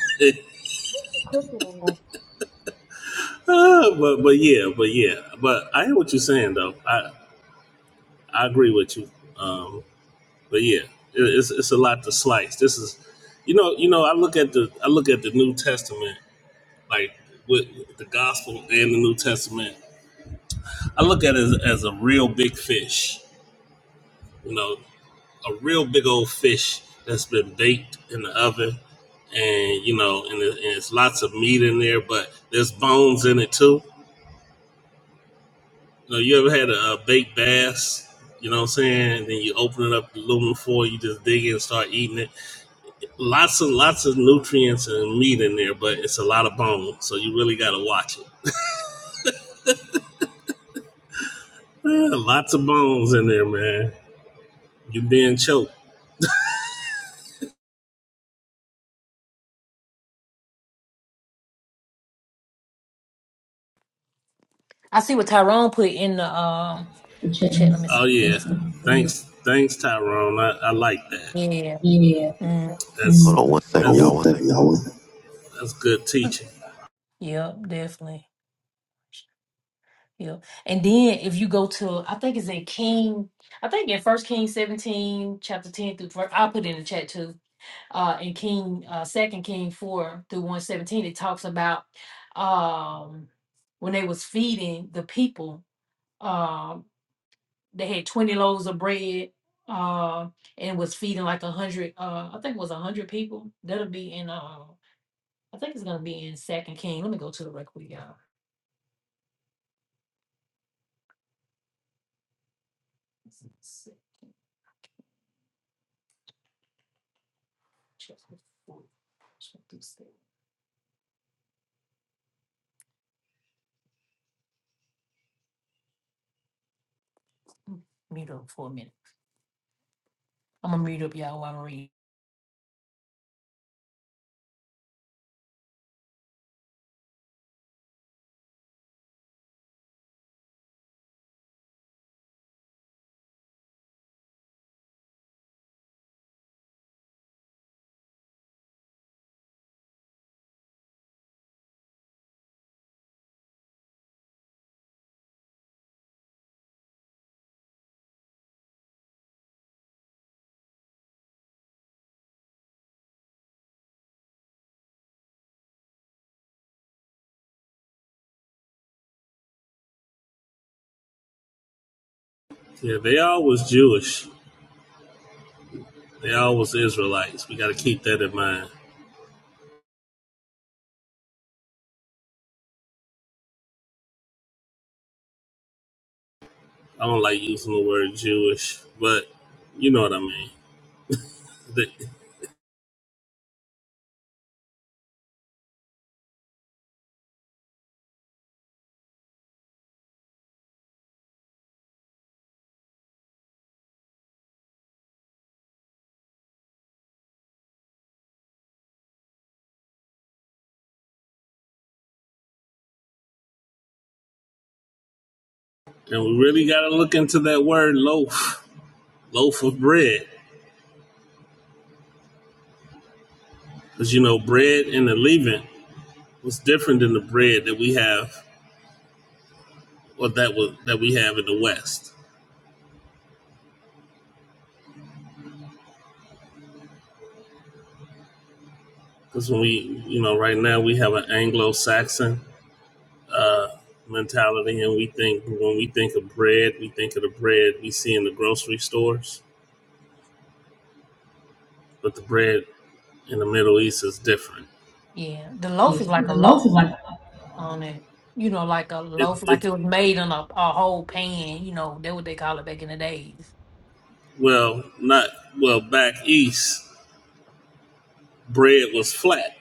Speaker 6: Okay.
Speaker 4: Ah, but but yeah, but yeah, but I hear what you're saying though. I I agree with you. Um, but yeah, it, it's it's a lot to slice. This is, you know, you know, I look at the I look at the New Testament like with the Gospel and the New Testament. I look at it as, as a real big fish. You know, a real big old fish that's been baked in the oven, and you know, and, it, and it's lots of meat in there, but there's bones in it too. You know, you ever had a, uh baked bass? You know what I'm saying? And then you open it up, aluminum foil, you just dig in and start eating it. Lots and lots of nutrients and meat in there, but it's a lot of bone, so you really got to watch it. Man, lots of bones in there, man. You being choked.
Speaker 1: I see what Tyrone put in the um the chat. Let me see.
Speaker 4: Oh yeah.
Speaker 1: Let's go.
Speaker 4: Thanks, thanks, Tyrone. I, I like that.
Speaker 1: Yeah.
Speaker 4: Yeah.
Speaker 1: Mm,
Speaker 4: That's
Speaker 8: Hold on one
Speaker 4: I
Speaker 8: second,
Speaker 4: that's
Speaker 8: y'all.
Speaker 4: would
Speaker 8: One second.
Speaker 4: think Yahweh. that's good teaching.
Speaker 1: yep. Definitely. Yeah. And then if you go to, I think it's in King, I think in First King 17, chapter 10 through first, I'll put it in the chat too. Uh in King uh Second King 4 through 117, it talks about um when they was feeding the people, um, they had 20 loaves of bread, uh, and was feeding like a hundred, uh, I think it was a hundred people. That'll be in uh I think it's gonna be in Second King. Let me go to the record, y'all. mute up for a minute. I'm gonna mute up y'all while I read.
Speaker 4: Yeah, they all was Jewish. They all was Israelites. We got to keep that in mind. I don't like using the word Jewish, but you know what I mean. The- and we really got to look into that word loaf, loaf of bread, because you know bread in the Levant was different than the bread that we have, or that was that we have in the West. Because when we, you know, right now we have an Anglo-Saxon uh, mentality, and we think when we think of bread, we think of the bread we see in the grocery stores, but the bread in the Middle East is different.
Speaker 1: Yeah, the loaf
Speaker 4: Yeah,
Speaker 1: is like a
Speaker 4: the loaf
Speaker 1: loaf
Speaker 4: is like
Speaker 1: on it. You know, like a
Speaker 4: It,
Speaker 1: loaf, like
Speaker 4: it
Speaker 1: it was made in a, a whole pan. You know, that what they call it back in the days.
Speaker 4: well, not well back east, bread was flat.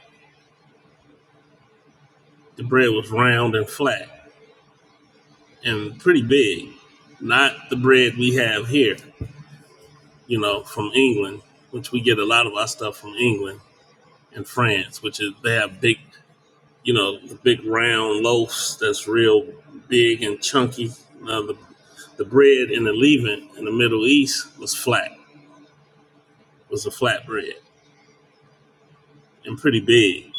Speaker 4: The bread was round and flat and pretty big, not the bread we have here. You know, from England, which we get a lot of our stuff from England and France, which is they have big. you know, the big round loaves that's real big and chunky. Now, the, the bread in the Levant in the Middle East was flat, was a flat bread and pretty big.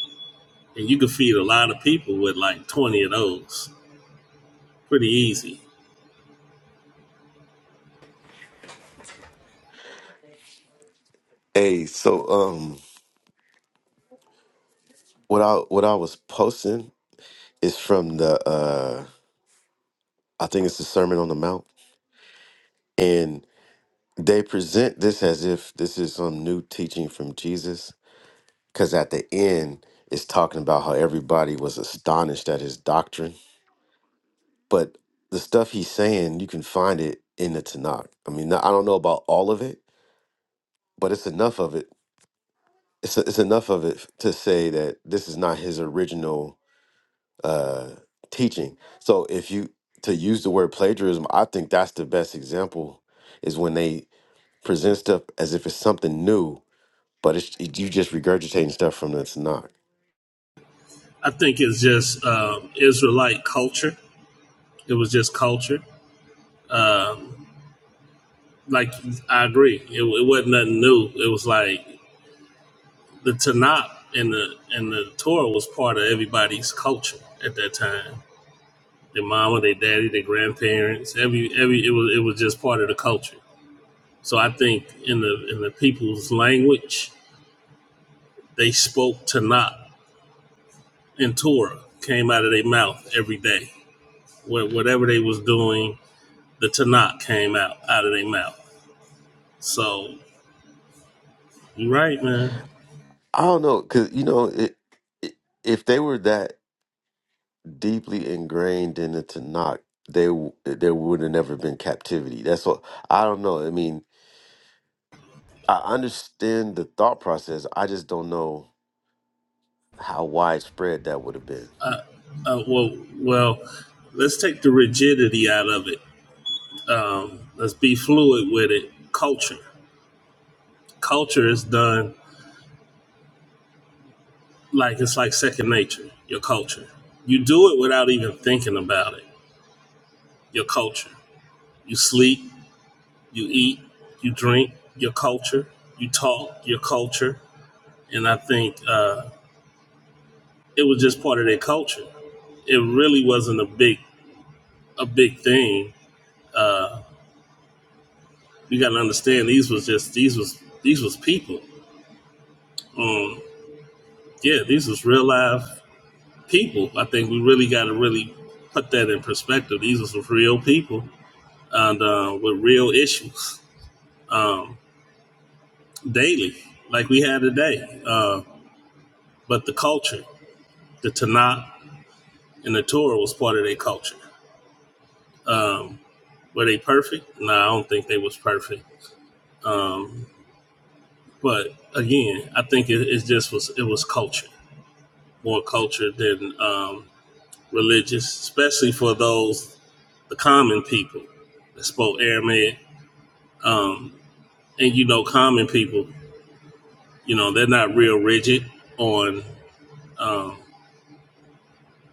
Speaker 4: And you could feed a lot of people with like 20 of those pretty easy.
Speaker 8: Hey, so um, what I what I was posting is from the uh, I think it's the Sermon on the Mount, and They present this as if this is some new teaching from Jesus, because at the end, it's talking about how everybody was astonished at his doctrine. But the stuff he's saying, you can find it in the Tanakh. I mean, I don't know about all of it, but it's enough of it. It's, it's enough of it to say that this is not his original uh, teaching. So if you to use the word plagiarism, I think that's the best example is when they present stuff as if it's something new but it's it, you just regurgitating stuff from the Tanakh.
Speaker 4: I think it's just um, Israelite culture. It was just culture. Um, like, I agree. It, it wasn't nothing new. It was like the Tanakh and the, and the Torah was part of everybody's culture at that time their mama, their daddy, their grandparents. Every every it was it was just part of the culture. So I think in the in the people's language, they spoke Tanakh and Torah came out of their mouth every day. Wha- Whatever they was doing, the Tanakh came out out of their mouth. So you're right, man.
Speaker 8: I don't know, cause you know, it, it, if they were that deeply ingrained in the Tanakh, they w- there would have never been captivity. That's what I don't know. I mean, I understand the thought process. I just don't know how widespread that would have been.
Speaker 4: Uh, well, well, let's take the rigidity out of it. Um, let's be fluid with it. Culture, culture is done like it's like second nature your culture you do it without even thinking about it your culture you sleep you eat you drink your culture you talk your culture and i think uh, it was just part of their culture it really wasn't a big a big thing you got to understand these was just these was these was people um yeah these was real life people i think we really got to really put that in perspective these was real people and uh, with real issues um, daily, like we had today. Uh, but the culture, the Tanakh and the Torah was part of their culture. Um, were they perfect? No, I don't think they was perfect. Um, but again, I think it, it just was it was culture, more culture than um, religious, especially for those the common people that spoke Aramaic. Um, and you know, common people, you know, they're not real rigid on. um,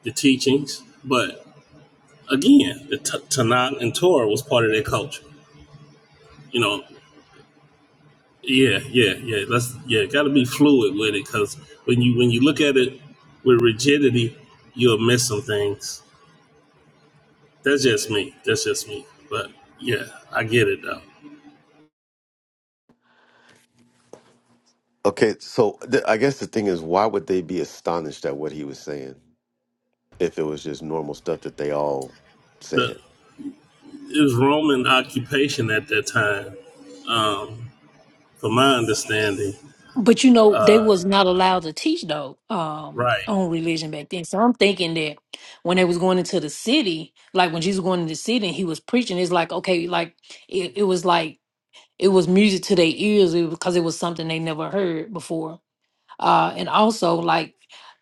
Speaker 4: the teachings. But again, the t- Tanakh and Torah was part of their culture. You know, yeah, yeah, yeah. Let's yeah, got to be fluid with it because when you when you look at it with rigidity, you'll miss some things. That's just me. That's just me. But yeah, I get it though.
Speaker 8: Okay, so th- I guess the thing is, why would they be astonished at what he was saying if it was just normal stuff that they all
Speaker 4: The
Speaker 8: said?
Speaker 4: it was Roman occupation at that time, um, from my understanding.
Speaker 1: But you know, they was not allowed to teach though um,
Speaker 4: Right.
Speaker 1: on religion back then. So I'm thinking that when they was going into the city, like when Jesus was going into the city and he was preaching, it's like okay, like it, it was like it was music to their ears because it was something they never heard before. Uh, and also, like,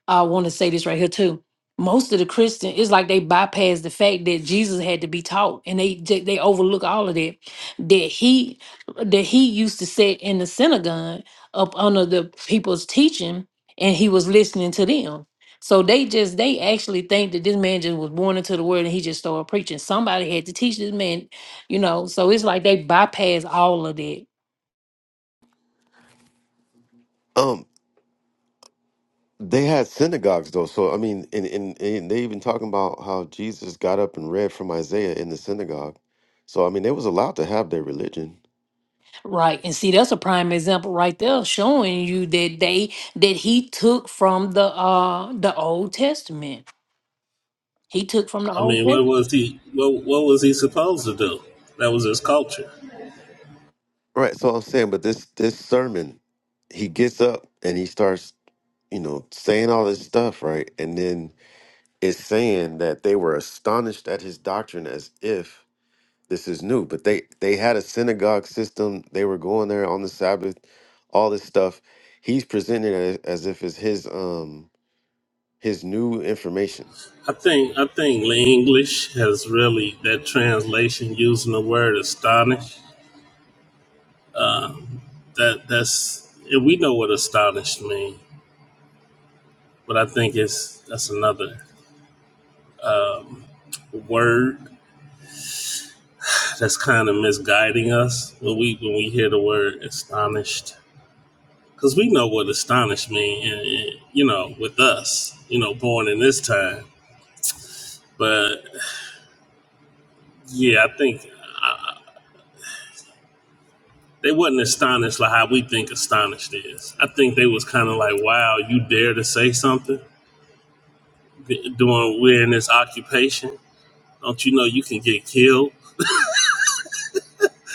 Speaker 1: I want to say this right here too. Most of the Christian, it's like they bypass the fact that Jesus had to be taught, and they ju- they overlook all of that. That he that he used to sit in the synagogue up under the people's teaching, and he was listening to them. So they just they actually think that this man just was born into the world, and he just started preaching. Somebody had to teach this man, you know. So it's like they bypass all of that
Speaker 8: Um. They had synagogues though, so I mean, and, and, and they even talking about how Jesus got up and read from Isaiah in the synagogue. So I mean, they was allowed to have their religion,
Speaker 1: Right. And see, that's a prime example right there showing you that they that he took from the uh the Old Testament. He took from the
Speaker 4: I
Speaker 1: Old
Speaker 4: mean, what
Speaker 1: Testament.
Speaker 4: was he? What what was he supposed to do? That was his culture.
Speaker 8: right? So I'm saying, but this this sermon, he gets up and he starts, you know, saying all this stuff, right? And then it's saying that they were astonished at his doctrine as if this is new, but they they had a synagogue system. They were going there on the Sabbath, all this stuff. He's presented as, as if it's his. um his new information.
Speaker 4: I think I think English has really that translation using the word astonish. That that's yeah, we know what astonished means, but I think it's that's another word that's kind of misguiding us when we when we hear the word astonished because we know what astonished means, and, and, you know, with us, you know, born in this time. But yeah, I think they wasn't astonished like how we think astonished is. I think they was kind of like, wow, you dare to say something doing we're in this occupation. Don't you know you can get killed?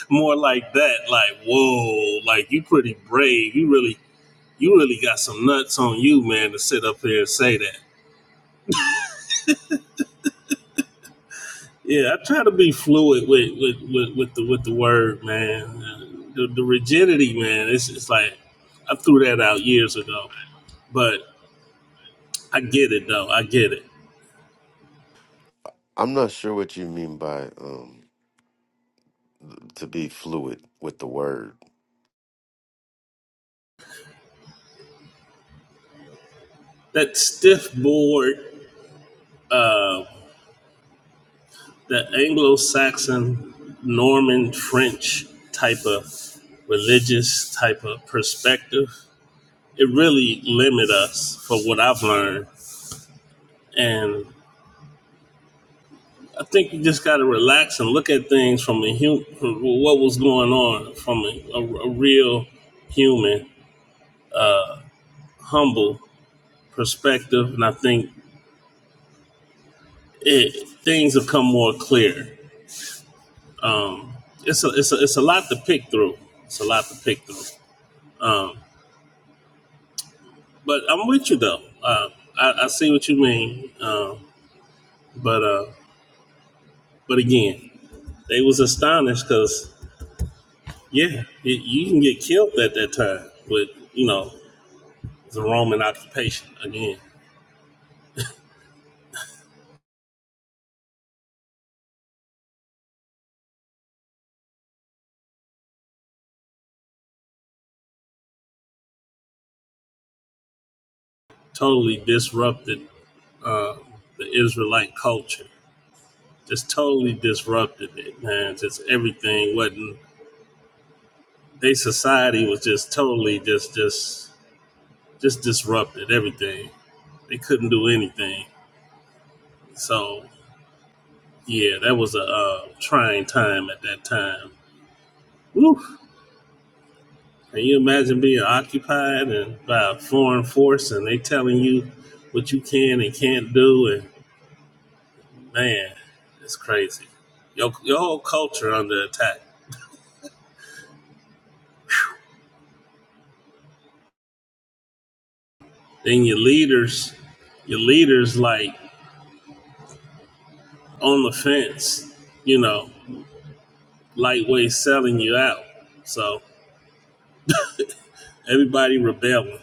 Speaker 4: More like that, like whoa, like you pretty brave. You really you really got some nuts on you, man, to sit up here and say that. Yeah, I try to be fluid with with, with, with the with the word, man. The, the rigidity, man. It's it's like I threw that out years ago, but I get it though. I get it.
Speaker 8: I'm not sure what you mean by um, to be fluid with the word.
Speaker 4: That stiff board. uh, the Anglo-Saxon, Norman, French type of religious type of perspective, it really limit us for what I've learned. And I think you just got to relax and look at things from a human, what was going on from a, a- a real human, humble perspective. And I think it, things have come more clear. Um, it's a, it's a, it's a lot to pick through. It's a lot to pick through. Um, But I'm with you though. Uh, I, I see what you mean. Uh, but uh, but again, they was astonished because yeah, you you can get killed at that time with you know the Roman occupation again, totally disrupted uh, the Israelite culture. Just totally disrupted it, man. Just everything wasn't. They society was just totally just just just disrupted everything. They couldn't do anything. So Yeah, that was a uh, trying time at that time. Woof. Can you imagine being occupied and by a foreign force and they telling you what you can and can't do? And man, it's crazy. Your, your whole culture under attack. Then your leaders, your leaders like on the fence, you know, lightweight selling you out. So everybody rebelling.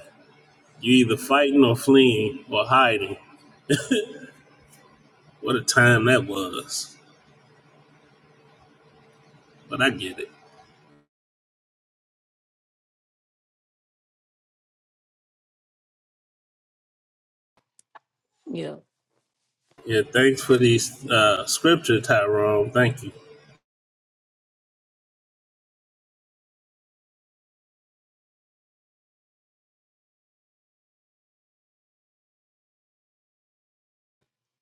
Speaker 4: You either fighting or fleeing or hiding. What a time that was. But I get it.
Speaker 1: Yeah.
Speaker 4: Yeah, thanks for these uh, scripture, Tyrone. Thank you.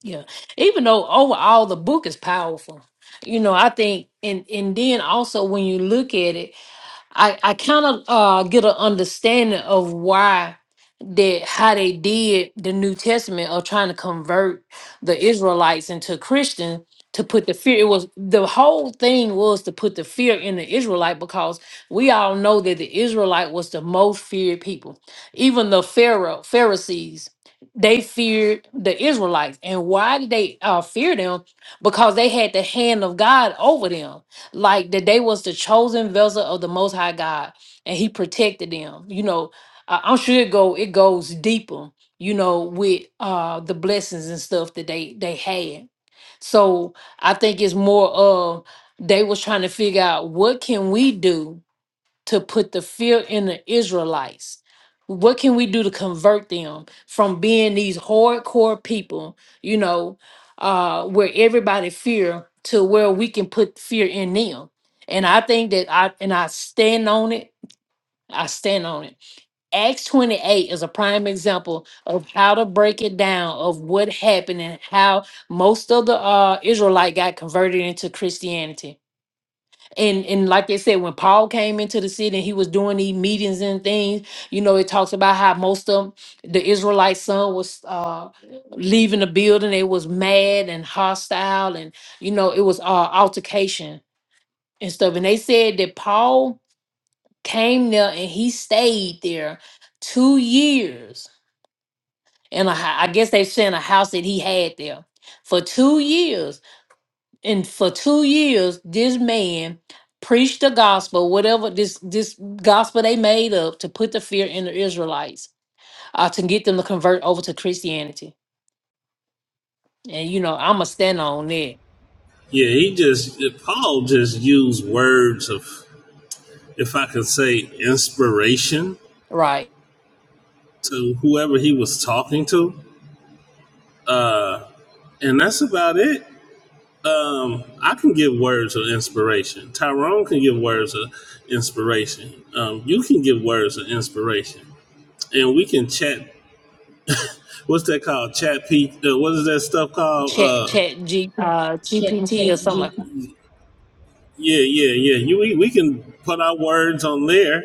Speaker 1: Yeah. Even though overall the book is powerful. You know, I think and and then also when you look at it, I I kind of uh get an understanding of why that how they did the New Testament of trying to convert the Israelites into Christian to put the fear. It was the whole thing was to put the fear in the Israelite because we all know that the Israelite was the most feared people. Even the Pharaoh Pharisees, they feared the Israelites. And why did they uh, fear them? Because they had the hand of God over them like that they was the chosen vessel of the most high God and he protected them. You know, I- I'm sure it go it goes deeper, you know, with uh the blessings and stuff that they they had. So I think it's more of they was trying to figure out what can we do to put the fear in the Israelites. What can we do to convert them from being these hardcore people, you know, uh, where everybody fear to where we can put fear in them? And I think that I and I stand on it. I stand on it. Acts 28 is a prime example of how to break it down of what happened and how most of the uh Israelite got converted into Christianity and and like they said when paul came into the city and he was doing these meetings and things you know it talks about how most of the israelite son was uh leaving the building they was mad and hostile and you know it was uh altercation and stuff and they said that paul came there and he stayed there two years and I guess they saying a house that he had there for two years and for two years this man preached the gospel whatever this this gospel they made up to put the fear in the israelites uh, to get them to convert over to christianity and you know i'm a stand on that
Speaker 4: Yeah, he just Paul just used words of, if I could say, inspiration
Speaker 1: right
Speaker 4: to whoever he was talking to, uh, and that's about it. Um, I can give words of inspiration. Tyrone can give words of inspiration. Um, you can give words of inspiration, and we can chat. What's that called? Chat P. Uh, what is that stuff called?
Speaker 1: chat
Speaker 4: Uh,
Speaker 1: chat G, uh,
Speaker 4: Chat,
Speaker 1: gpt or
Speaker 4: chat,
Speaker 1: something like
Speaker 4: G. Yeah, yeah, yeah. You we, we can put our words on there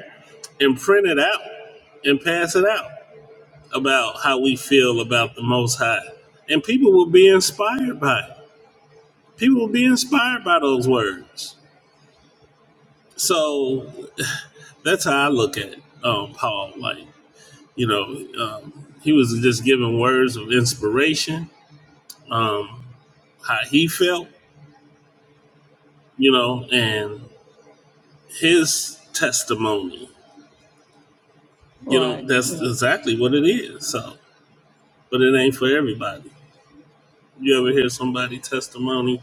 Speaker 4: and print it out and pass it out about how we feel about the Most High, and people will be inspired by it. People will be inspired by those words. So that's how I look at um, Paul. Like you know, um, he was just giving words of inspiration, um, how he felt, you know, and his testimony. You
Speaker 1: right
Speaker 4: know, that's exactly what it is. So. but it ain't for everybody. You ever hear somebody testimony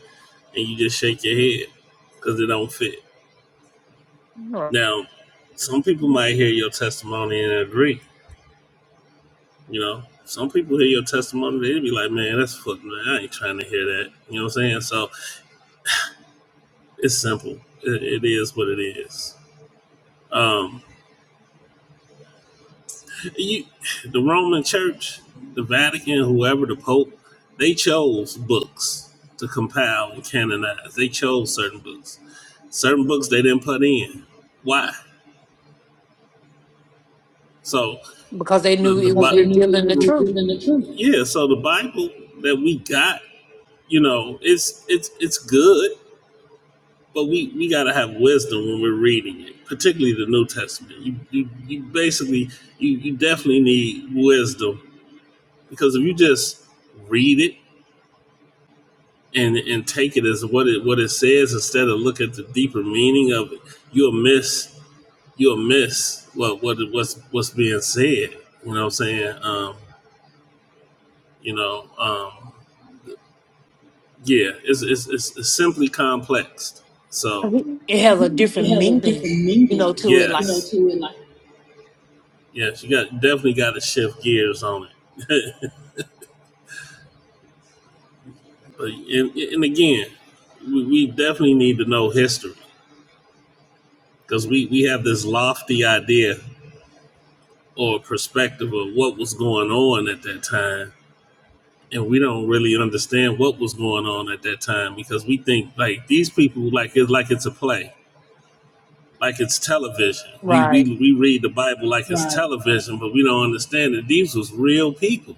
Speaker 4: and you just shake your head because it don't fit?
Speaker 1: right
Speaker 4: Now, some people might hear your testimony and agree. You know, some people hear your testimony they be like, "Man, that's fuck. Man, I ain't trying to hear that." You know what I'm saying? So it's simple. It, it is what it is. Um, You, the Roman Church, the Vatican, whoever the Pope, they chose books to compile and canonize. They chose certain books. Certain books they didn't put in. Why? So
Speaker 1: because they
Speaker 4: the
Speaker 1: knew
Speaker 4: the
Speaker 1: it was
Speaker 4: Because they Bi- knew it
Speaker 1: revealing
Speaker 4: was
Speaker 1: the truth
Speaker 4: revealing the truth. yeah. So the Bible that we got, you know, it's it's it's good, but we we gotta have wisdom when we're reading it, particularly the New Testament. You you, you basically you you definitely need wisdom because if you just read it and and take it as what it what it says instead of look at the deeper meaning of it, you'll miss you'll miss what what what's what's being said. You know what I'm saying? Um, you know, um, yeah, it's it's, it's it's simply complex. So
Speaker 1: it has a different
Speaker 4: It have a
Speaker 1: meaning
Speaker 4: different
Speaker 1: you know
Speaker 4: meaning,
Speaker 1: to it
Speaker 4: Yes. you
Speaker 1: like
Speaker 4: know, yes, to it. Like yes, you got definitely got to shift gears on it. but and, and again, we, we definitely need to know history because we we have this lofty idea or a perspective of what was going on at that time. And we don't really understand what was going on at that time because we think like these people like it's like it's a play, like it's television. We
Speaker 1: right
Speaker 4: we, we read the Bible like it's Right. television, but we don't understand that these was real people.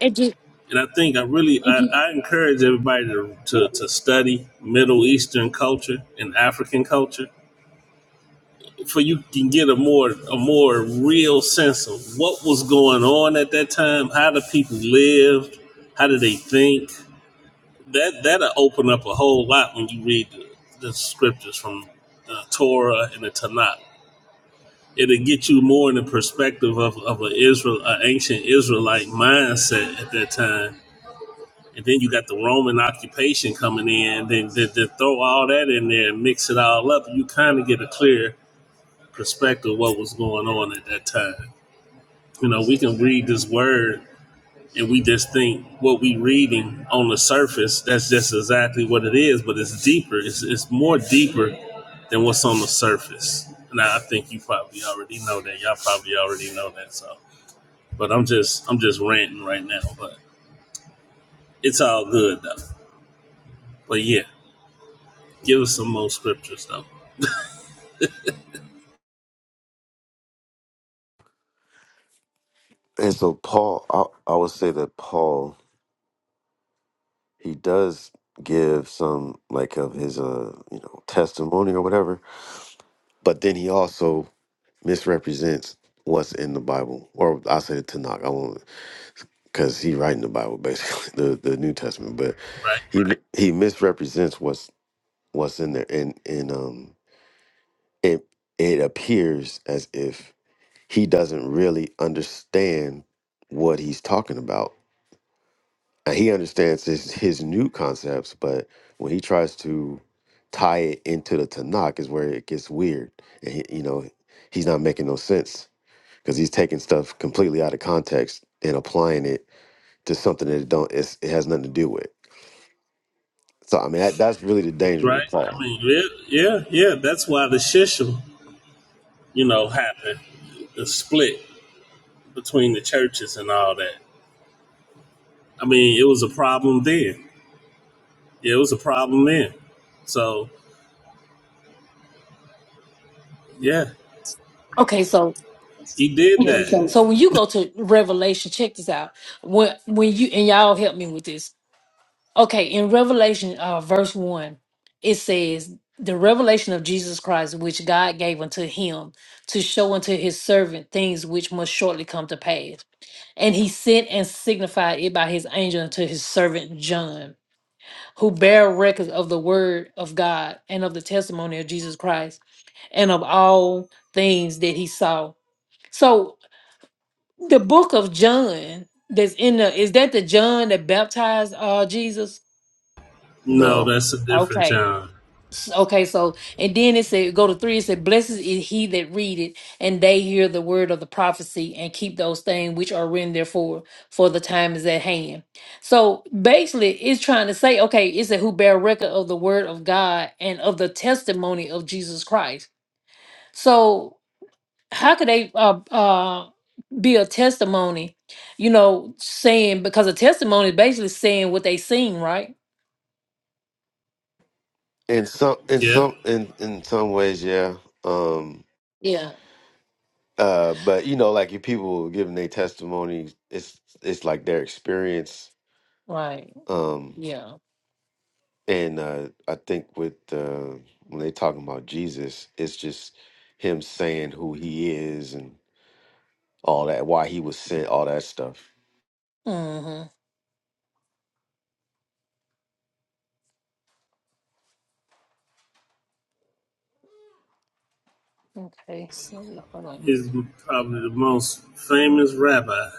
Speaker 1: it just
Speaker 4: And I think I really If I, I encourage everybody to,
Speaker 1: yeah.
Speaker 4: to to study Middle Eastern culture and African culture for you can get a more a more real sense of what was going on at that time, how the people lived, how did they think. That that'll open up a whole lot when you read the, the scriptures from the Torah and the Tanakh. It'll get you more in the perspective of, of an Israel, an ancient Israelite mindset at that time. And then you got the Roman occupation coming in. Then, then, then throw all that in there and mix it all up. You kind of get a clear perspective of what was going on at that time. You know, we can read this word and we just think what we reading on the surface, that's just exactly what it is, but it's deeper. It's, it's more deeper than what's on the surface. And I I think you probably already know that. Y'all probably already know that. So, but I'm just, I'm just ranting right now, but it's all good though. But yeah, give us some more scriptures though.
Speaker 8: And so Paul, I, I would say that Paul, he does give some like of his uh you know testimony or whatever, but then he also misrepresents what's in the Bible, or I say the Tanakh. I won't because he writing the Bible basically, the the New Testament, but
Speaker 4: Right,
Speaker 8: he Right. he misrepresents what's what's in there, and and um it it appears as if he doesn't really understand what he's talking about. And he understands his, his new concepts, but when he tries to tie it into the Tanakh is where it gets weird. And he, you know, he's not making no sense because he's taking stuff completely out of context and applying it to something that it don't it's, it has nothing to do with. So I mean that that's really the danger
Speaker 4: right.
Speaker 8: with
Speaker 4: I
Speaker 8: Paul.
Speaker 4: mean, yeah, yeah, yeah. That's why the shishim, you know, happened. The split. between the churches and all that. I mean, it was a problem then. Yeah, it was a problem then. So yeah,
Speaker 1: okay so
Speaker 4: he did
Speaker 1: Yeah.
Speaker 4: Okay, that.
Speaker 1: So
Speaker 4: so
Speaker 1: when you go to Revelation, check this out. When when you and y'all help me with this. Okay, in Revelation uh verse one, it says the revelation of Jesus Christ, which God gave unto him to show unto his servant things which must shortly come to pass. And he sent and signified it by his angel unto his servant John, who bare records of the word of God and of the testimony of Jesus Christ and of all things that he saw. So the book of John that's in the is that the John that baptized uh Jesus?
Speaker 4: No,
Speaker 8: No,
Speaker 4: that's a different
Speaker 1: Okay.
Speaker 4: John.
Speaker 1: S- Okay, so and then it said go to three, it said, Blessed is he that read it, and they hear the word of the prophecy and keep those things which are written therefore, for the time is at hand. So basically it's trying to say, okay, it said who bear record of the word of God and of the testimony of Jesus Christ. So how could they uh, uh, be a testimony you know saying because a testimony is basically saying what they seen right
Speaker 8: in some in
Speaker 4: Yeah,
Speaker 8: some in in some ways, yeah. Um
Speaker 1: yeah
Speaker 8: Uh, but you know, like your people giving their testimony, it's it's like their experience.
Speaker 1: right
Speaker 8: Um,
Speaker 1: yeah
Speaker 8: and uh, I think with uh, when they talking about Jesus, it's just him saying who he is and all that, why he was sent, all that stuff.
Speaker 1: hmm okay so yeah, hold on.
Speaker 4: he's probably the most famous rabbi.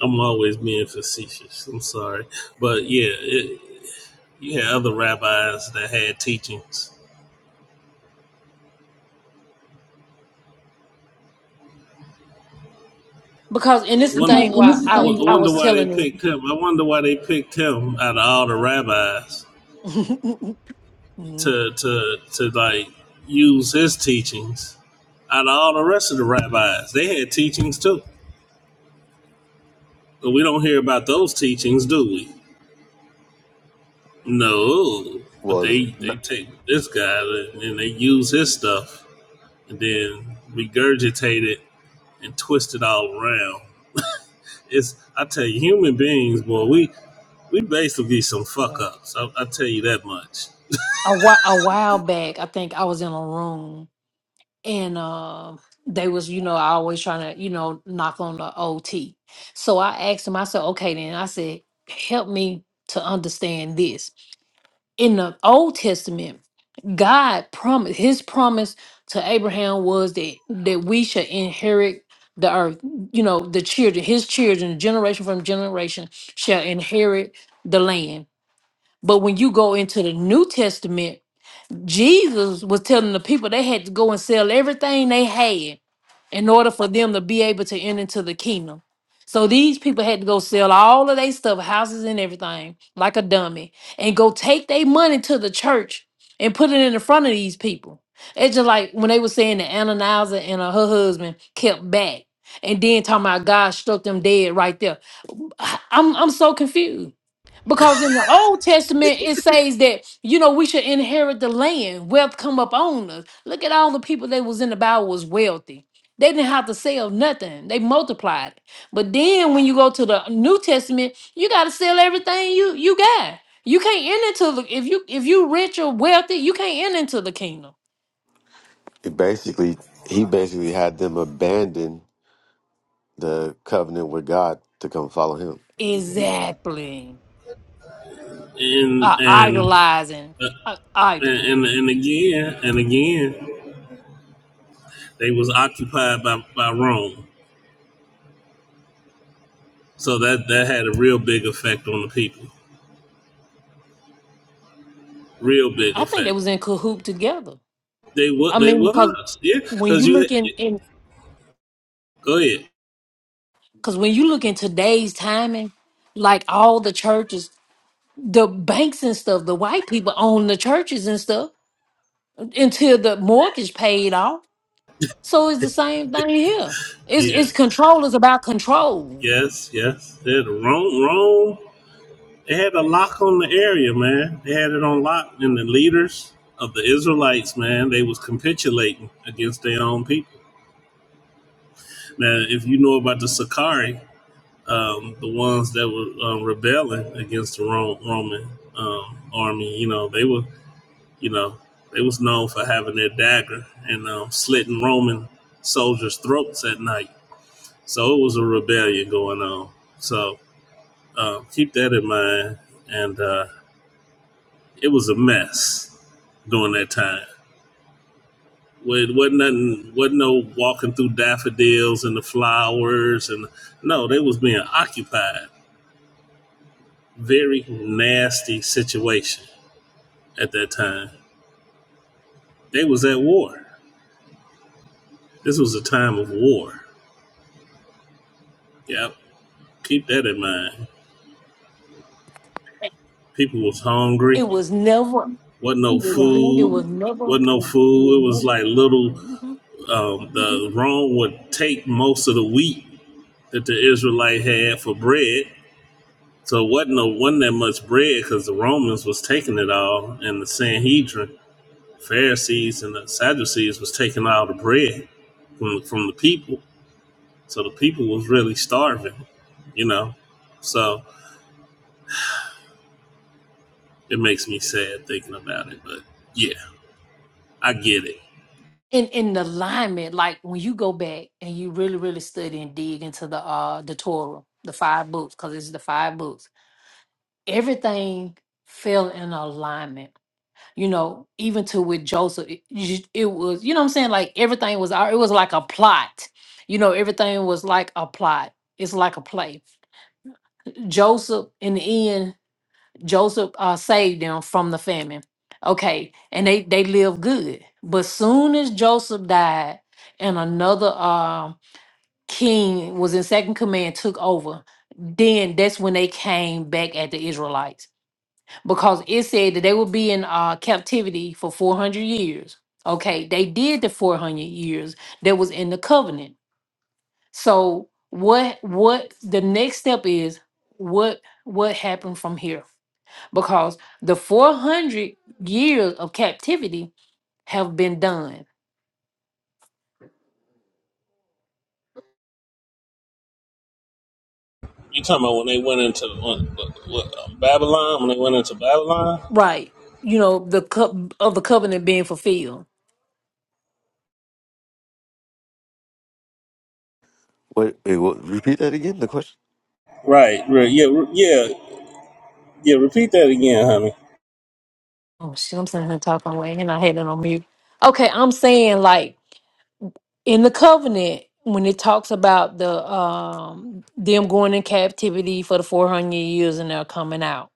Speaker 4: I'm always being facetious. I'm sorry, but yeah, it, you had other rabbis that had teachings.
Speaker 1: because and this is the
Speaker 4: Wonder,
Speaker 1: thing
Speaker 4: because and this
Speaker 1: why
Speaker 4: is the
Speaker 1: i
Speaker 4: thing
Speaker 1: i
Speaker 4: wonder
Speaker 1: was
Speaker 4: about why they
Speaker 1: telling you
Speaker 4: picked him. I wonder why they picked him out of all the rabbis.
Speaker 1: Mhm.
Speaker 4: to to to like use his teachings out of all the rest of the rabbis. They had teachings too, but we don't hear about those teachings, do we? No, but
Speaker 8: Well,
Speaker 4: they they
Speaker 8: n-
Speaker 4: take this guy and, and they use his stuff and then regurgitate it and twist it all around. It's I tell you, human beings, boy, we we basically some fuck ups. I, I tell you that much.
Speaker 1: a, whi- a while back i think i was in a room and um they was you know I always trying to you know knock on the OT. So I asked him. I said, okay, then I said, help me to understand this. In the Old Testament, God promised His promise to Abraham was that that we should inherit the earth. You know, the children, His children, generation from generation, shall inherit the land. But when you go into the New Testament, Jesus was telling the people they had to go and sell everything they had in order for them to be able to enter into the kingdom. So these people had to go sell all of their stuff, houses and everything, like a dummy, and go take their money to the church and put it in the front of these people. It's just like when they were saying that Ananias and uh, her husband kept back, and then talking about God struck them dead right there. I- I'm I'm so confused. Because in the Old Testament, it says that, you know, we should inherit the land. Wealth come up on us. Look at all the people that was in the Bible was wealthy. They didn't have to sell nothing. They multiplied. But then when you go to the New Testament, you got to sell everything you you got. You can't enter into the if you if you rich or wealthy, you can't enter into the kingdom.
Speaker 8: it basically, he basically had them abandon the covenant with God to come follow him.
Speaker 1: Exactly.
Speaker 4: And
Speaker 1: Uh,
Speaker 4: and
Speaker 1: idolizing. Uh, idol.
Speaker 4: and and, and again and again. They was occupied by, by Rome. So that, that had a real big effect on the people. Real big
Speaker 1: I think they
Speaker 4: effect.
Speaker 1: was in cahoot together.
Speaker 4: They what
Speaker 1: I
Speaker 4: they
Speaker 1: mean, because
Speaker 4: was. Yeah.
Speaker 1: when
Speaker 4: Cause
Speaker 1: you
Speaker 4: you
Speaker 1: look in,
Speaker 4: had-
Speaker 1: in
Speaker 4: go ahead.
Speaker 1: Because when you look in today's timing, like all the churches, the banks and stuff, the white people own the churches and stuff until the mortgage paid off. So it's the same thing here. It's
Speaker 4: Yeah.
Speaker 1: it's control is about control.
Speaker 4: Yes, yes. They had Rome Rome they had a lock on the area, man. They had it on lock and the leaders of the Israelites, man, they was capitulating against their own people. Now, if you know about the Sakari, um, the ones that were um, rebelling against the Rome, Roman um, army, you know, they were You know, they was known for having their dagger and um, slitting Roman soldiers' throats at night. So it was a rebellion going on. So uh, keep that in mind. And uh, it was a mess during that time. Well, It wasn't nothing. Wasn't no walking through daffodils and the flowers, and no, they was being occupied. Very nasty situation at that time. They was at war. This was a time of war. Yep, keep that in mind. people was hungry
Speaker 1: It was never
Speaker 4: wasn't no
Speaker 1: right. It
Speaker 4: food
Speaker 1: was never
Speaker 4: wasn't no food it was like little
Speaker 1: mhm.
Speaker 4: um, the rome would take most of the wheat that the israelite had for bread so it wasn't no wasn't that much bread because the romans was taking it all and the sanhedrin pharisees and the sadducees was taking all the bread from, from the people so the people was really starving you know so it makes me sad thinking about it but yeah i get it
Speaker 1: in in alignment. Like when you go back and you really really study and dig into the uh the Torah, the five books, because it's the five books. Everything fell in alignment you know, even to with Joseph, it, you just- it was, you know what I'm saying? Like everything was, al- it was like a plot. You know, everything was like a plot. It's like a play. Joseph, in the end, Joseph uh, saved them from the famine. Okay. And they, they lived good. But soon as Joseph died and another um king was in second command, took over, then that's when they came back at the Israelites because it said that they would be in uh, captivity for 400 years. Okay, they did the 400 years that was in the covenant. So what what the next step is what what happened from here? Because the 400 years of captivity have been done.
Speaker 4: You talking about when they went into when, what, Babylon? When they went into Babylon?
Speaker 1: Right. You know, the co- of the covenant being fulfilled.
Speaker 8: Wait, wait what, repeat that again. The question
Speaker 4: Right, right. Yeah, re- yeah, yeah. Repeat that again, honey.
Speaker 1: Oh shit, I'm saying, here talking away and I had it on mute. Okay, I'm saying like in the covenant when it talks about the um them going in captivity for the 400 years and they're coming out.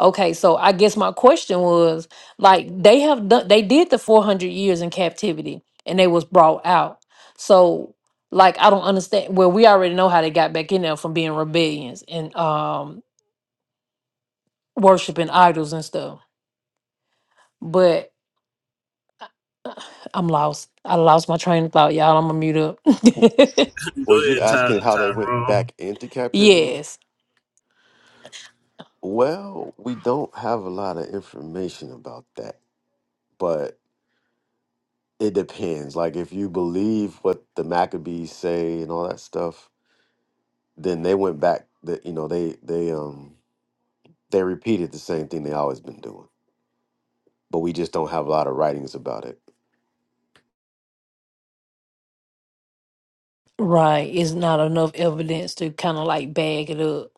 Speaker 1: Okay, so I guess my question was like they have done they did the 400 years in captivity and they was brought out. So like I don't understand well we already know how they got back in there from being rebellions and um worshiping idols and stuff. but. I'm lost. I lost my train of thought, y'all. I'm gonna mute up.
Speaker 4: Go
Speaker 8: was you
Speaker 4: ahead, Ty,
Speaker 8: asking how they went
Speaker 4: Tyrone.
Speaker 8: back into captivity?
Speaker 1: yes,
Speaker 8: Well, we don't have a lot of information about that, but it depends. Like, if you believe what the Maccabees say and all that stuff, then they went back. That you know, they they um they repeated the same thing they always been doing, but we just don't have a lot of writings about it.
Speaker 1: right. It's not enough evidence to kind of like bag it up.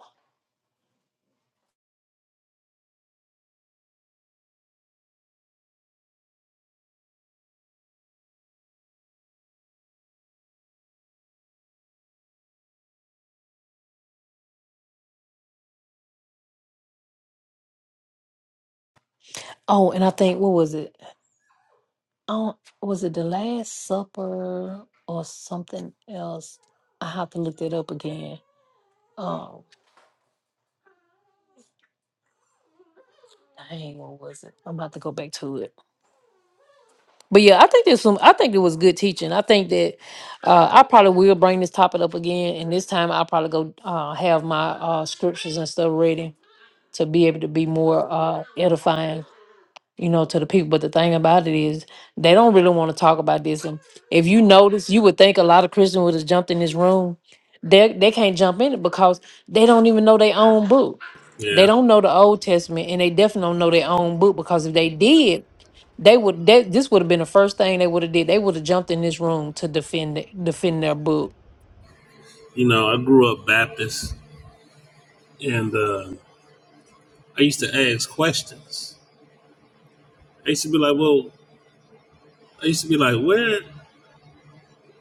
Speaker 1: Oh, and I think what was it? Oh, was it the Last Supper or something else? I have to look that up again. Oh, dang, what was it? I'm about to go back to it. But yeah, I think there's some. I think it was good teaching. I think that uh, I probably will bring this topic up again, and this time I'll probably go uh, have my uh, scriptures and stuff ready to be able to be more uh, edifying, you know, to the people. But the thing about it is, they don't really want to talk about this. And if you notice, you would think a lot of Christians would have jumped in this room. They they can't jump in it because they don't even know their own book. They
Speaker 4: Yeah,
Speaker 1: don't know the Old Testament, and they definitely don't know their own book because if they did, they would. They, this would have been the first thing they would have did. They would have jumped in this room to defend it- defend their book.
Speaker 4: you know, I grew up Baptist, and uh, I used to ask questions. I used to be like, "Well," I used to be like, "Where?"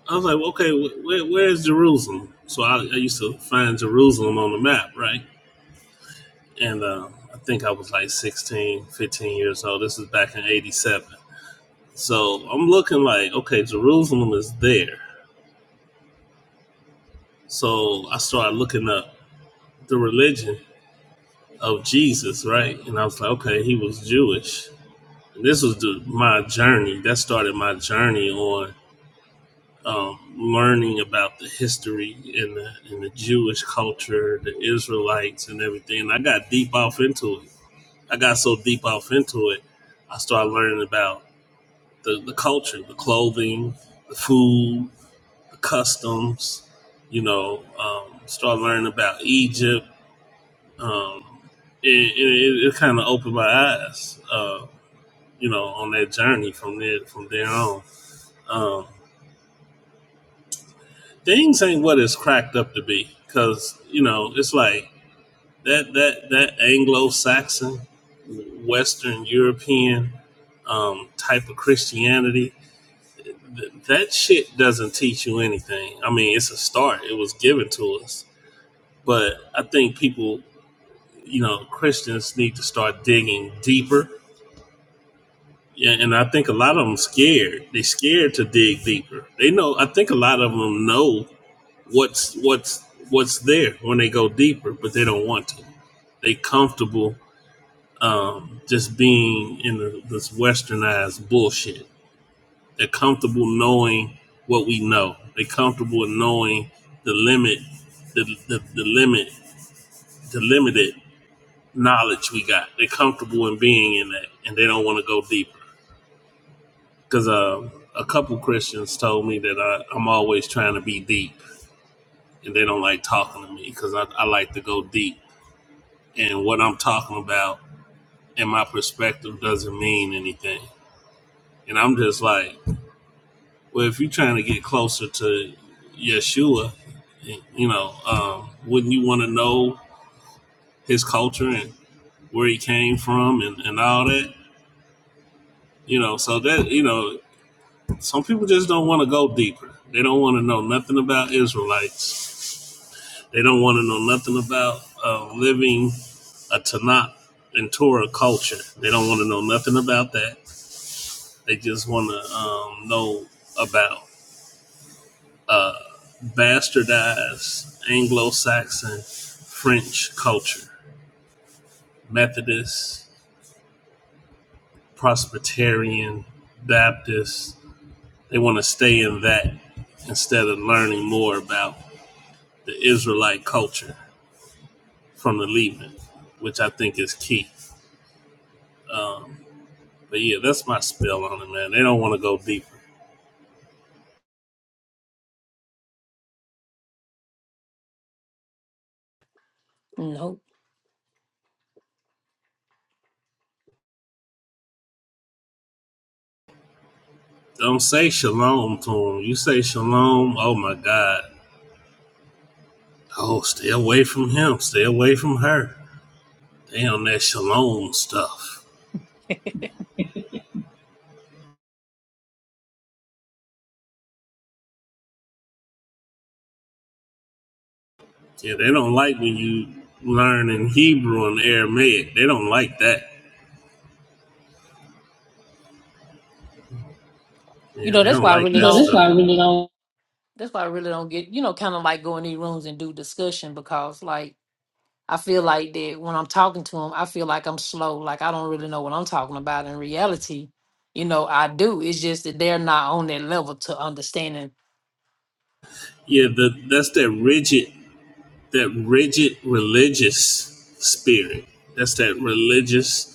Speaker 4: I was like, well, "Okay, wh- where, where is Jerusalem?" So I, I used to find Jerusalem on the map, right? And uh, I think I was like 16, 15 years old. This is back in '87. So I'm looking like, okay, Jerusalem is there. So I started looking up the religion of Jesus, right? And I was like, okay, he was Jewish. And this was the, my journey. That started my journey on um, learning about the history and the, and the Jewish culture, the Israelites, and everything. And I got deep off into it. I got so deep off into it, I started learning about the, the culture, the clothing, the food, customs, you know, um, start learning about Egypt. Um, and, and it, it kind of opened my eyes, uh, you know, on that journey from there from there on. Um, things ain't what it's cracked up to be, because you know it's like that that that Anglo-Saxon, Western European um, type of Christianity. Th- that shit doesn't teach you anything. I mean, it's a start. It was given to us but I think people, you know, Christians need to start digging deeper. Yeah, And I think a lot of them scared. They scared to dig deeper. They know. I think a lot of them know what's what's what's there when they go deeper, but they don't want to. They comfortable um, just being in the, this westernized bullshit. They're comfortable knowing what we know. They're comfortable in knowing the limit, the the, the limit, the limited. knowledge we got. They're comfortable in being in that, and they don't want to go deeper. Because um, a couple Christians told me that I, I'm always trying to be deep, and they don't like talking to me because I, I like to go deep. And what I'm talking about and my perspective doesn't mean anything. And I'm just like, well, if you're trying to get closer to Yeshua, you know, um, wouldn't you want to know his culture and where he came from and, and all that? You know, so that, you know, Some people just don't want to go deeper. They don't want to know nothing about Israelites. They don't want to know nothing about uh, living a Tanakh and Torah culture. They don't want to know nothing about that. They just want to um, know about bastardized Anglo-Saxon French culture, Methodist, Presbyterian, Baptist. They want to stay in that instead of learning more about the Israelite culture. from the leaving, which I think is key. Um, but yeah, that's my spell on it, man. They don't want to go deeper.
Speaker 1: Nope.
Speaker 4: Don't say shalom to them. You say shalom, oh my God. Oh, stay away from him. Stay away from her. They on that shalom stuff. Yeah, they don't like when you learn in Hebrew and Aramaic. They don't like that.
Speaker 1: You
Speaker 4: Yeah,
Speaker 1: know
Speaker 4: they
Speaker 1: that's
Speaker 4: don't
Speaker 1: why I
Speaker 4: like that
Speaker 1: really
Speaker 4: No, that's
Speaker 1: don't.
Speaker 4: why I really don't.
Speaker 1: That's why I really don't get, you know, kind of like go in these rooms and do discussion because, like, I feel like that when I'm talking to them, I feel like I'm slow. Like, I don't really know what I'm talking about. In reality, you know, I do. It's just that they're not on that level to understanding.
Speaker 4: Yeah, the, that's that rigid, that rigid religious spirit. That's that religious.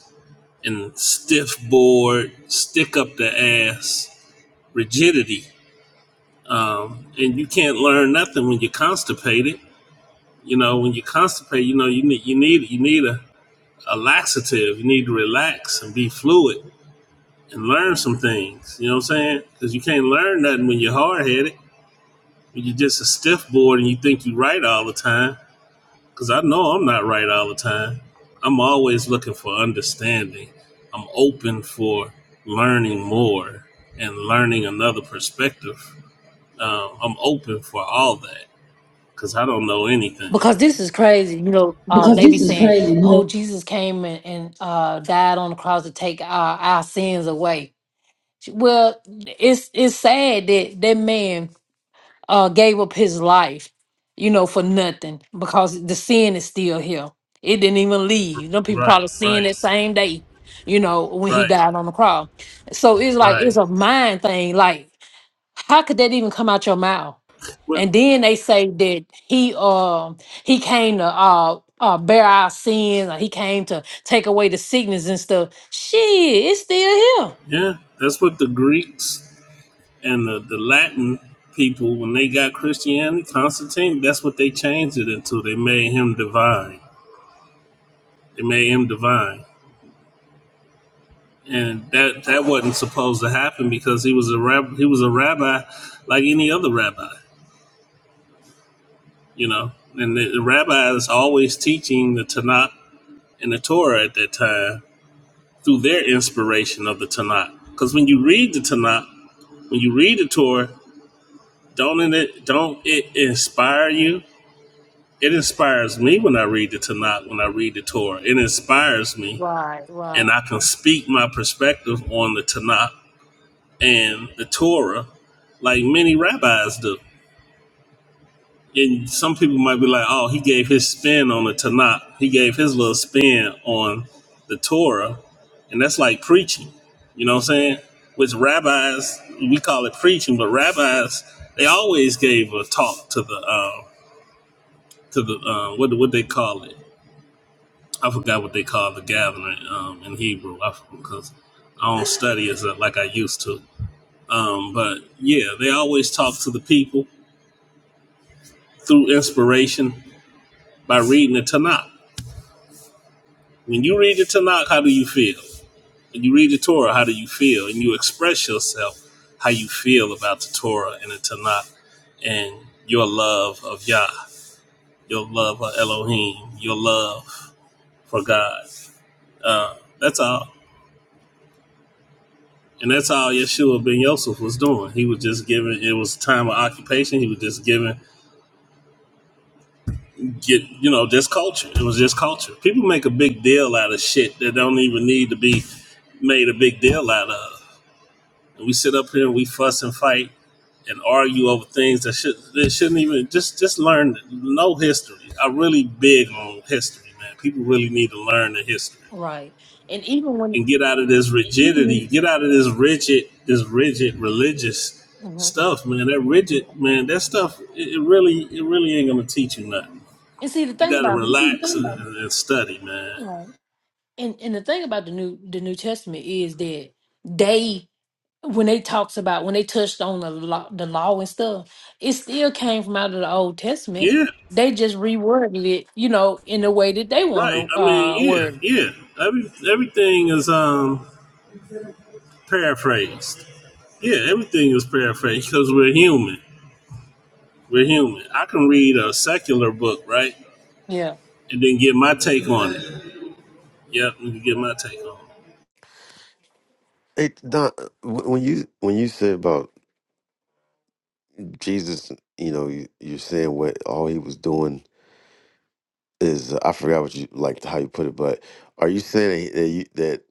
Speaker 4: and stiff board, stick up the ass rigidity. Um, and you can't learn nothing when you're constipated. You know, when you're constipated, you know you need you need you need a, a laxative. You need to relax and be fluid and learn some things. You know what I'm saying? Because you can't learn nothing when you're hard headed. When you're just a stiff board and you think you're right all the time. Because I know I'm not right all the time. I'm always looking for understanding. I'm open for learning more and learning another perspective. Um, I'm open for all that because I don't know anything.
Speaker 1: Because this is crazy, you know, uh,
Speaker 4: Because
Speaker 1: they be
Speaker 4: this is
Speaker 1: saying,
Speaker 4: crazy. You
Speaker 1: oh,
Speaker 4: know,
Speaker 1: Jesus came and, and uh, died on the cross to take our, our sins away. Well, it's it's sad that that man uh gave up his life, you know, for nothing because the sin is still here. It didn't even leave. Them people
Speaker 4: Right,
Speaker 1: probably sin
Speaker 4: right,
Speaker 1: that same day, you know, when he
Speaker 4: right,
Speaker 1: died on the cross. So it's like
Speaker 4: right.
Speaker 1: it's a mind thing. Like, how could that even come out your mouth?
Speaker 4: But
Speaker 1: And then they say that he um he came to uh uh bear our sins, or he came to take away the sickness and stuff. Shit, it's still here.
Speaker 4: yeah, that's what the Greeks and the, the Latin people, when they got Christianity, Constantine, that's what they changed it into. They made him divine. They made him divine. and that that wasn't supposed to happen because he was a rab- he was a rabbi like any other rabbi, you know. And the, the rabbi is always teaching the Tanakh and the Torah at that time through their inspiration of the Tanakh. Because when you read the Tanakh, when you read the Torah, don't it don't it inspire you? It inspires me when I read the Tanakh, when I read the Torah. It inspires me,
Speaker 1: Right, right.
Speaker 4: and I can speak my perspective on the Tanakh and the Torah, like many rabbis do. And some people might be like, "Oh, he gave his spin on the Tanakh. He gave his little spin on the Torah," and that's like preaching. You know what I'm saying? Which rabbis we call it preaching, but rabbis they always gave a talk to the uh, to the uh, what what they call it. I forgot what they call the gathering um, in Hebrew I because I don't study as uh, like I used to. Um, but yeah, they always talk to the people through inspiration by reading the Tanakh. When you read the Tanakh, how do you feel? When you read the Torah, how do you feel? And you express yourself how you feel about the Torah and the Tanakh and your love of Yah, your love of Elohim, your love for God. Uh, that's all. And that's all Yeshua ben Yosef was doing. He was just giving, it was a time of occupation. He was just giving get you know just culture. It was just culture. People make a big deal out of shit that don't even need to be made a big deal out of. And we sit up here and we fuss and fight and argue over things that should that shouldn't even just just learn no history. I'm really big on history, man. People really need to learn the history
Speaker 1: Right. And even when
Speaker 4: and get out of this rigidity. Get out of this rigid this rigid religious
Speaker 1: Mhm.
Speaker 4: stuff, man. That rigid man, that stuff it, it really it really ain't gonna teach you nothing.
Speaker 1: and see the
Speaker 4: You
Speaker 1: thing
Speaker 4: got to
Speaker 1: about
Speaker 4: relax and, and study, man.
Speaker 1: right. and, and the thing about the new the New Testament is that they when they talks about when they touched on the law the law and stuff, it still came from out of the old testament.
Speaker 4: Yeah,
Speaker 1: They just reworded it, you know, in the way that they
Speaker 4: right.
Speaker 1: want
Speaker 4: I
Speaker 1: to
Speaker 4: mean,
Speaker 1: uh
Speaker 4: yeah,
Speaker 1: word. it.
Speaker 4: yeah. Every, everything is um paraphrased. Yeah, everything is paraphrased because we're human. We're human. I can read a secular book, right,
Speaker 1: Yeah.
Speaker 4: and then get my take on it. Yep, you can get my take on it.
Speaker 8: It Don, when you when you said about Jesus, you know, you, you're saying what all he was doing is I forgot what you like how you put it, but are you saying that you, that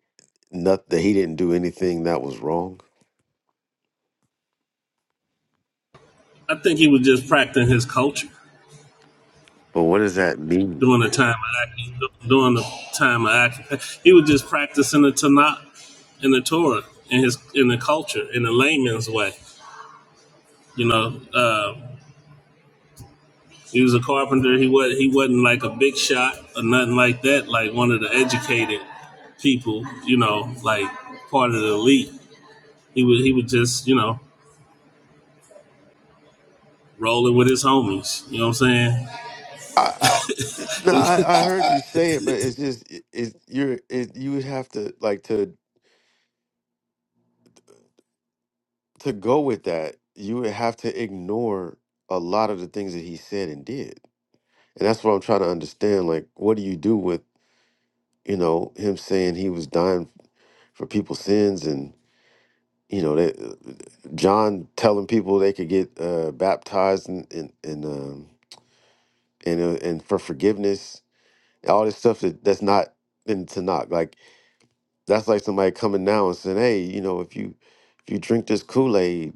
Speaker 8: not that he didn't do anything that was wrong?
Speaker 4: I think he was just practicing his culture
Speaker 8: But what does that mean?
Speaker 4: during the time of during the time of occupation. He was just practicing the Tanakh in the Torah, in his in the culture, in the layman's way. You know, uh, He was a carpenter. He was he wasn't like a big shot or nothing like that. Like one of the educated people, you know, like part of the elite. He was he was just you know rolling with his homies. You know what I'm saying?
Speaker 8: I, I no, I, I heard you say it, but it's just it, it you're it, you would have to like to to go with that. You would have to ignore a lot of the things that he said and did, and that's what I'm trying to understand. Like, what do you do with you know him saying he was dying for people's sins and you know that John telling people they could get uh, baptized and and and, um, and uh, and for forgiveness, all this stuff that that's not in Tanakh. Like that's like somebody coming now and saying, "Hey, you know, if you if you drink this Kool Aid,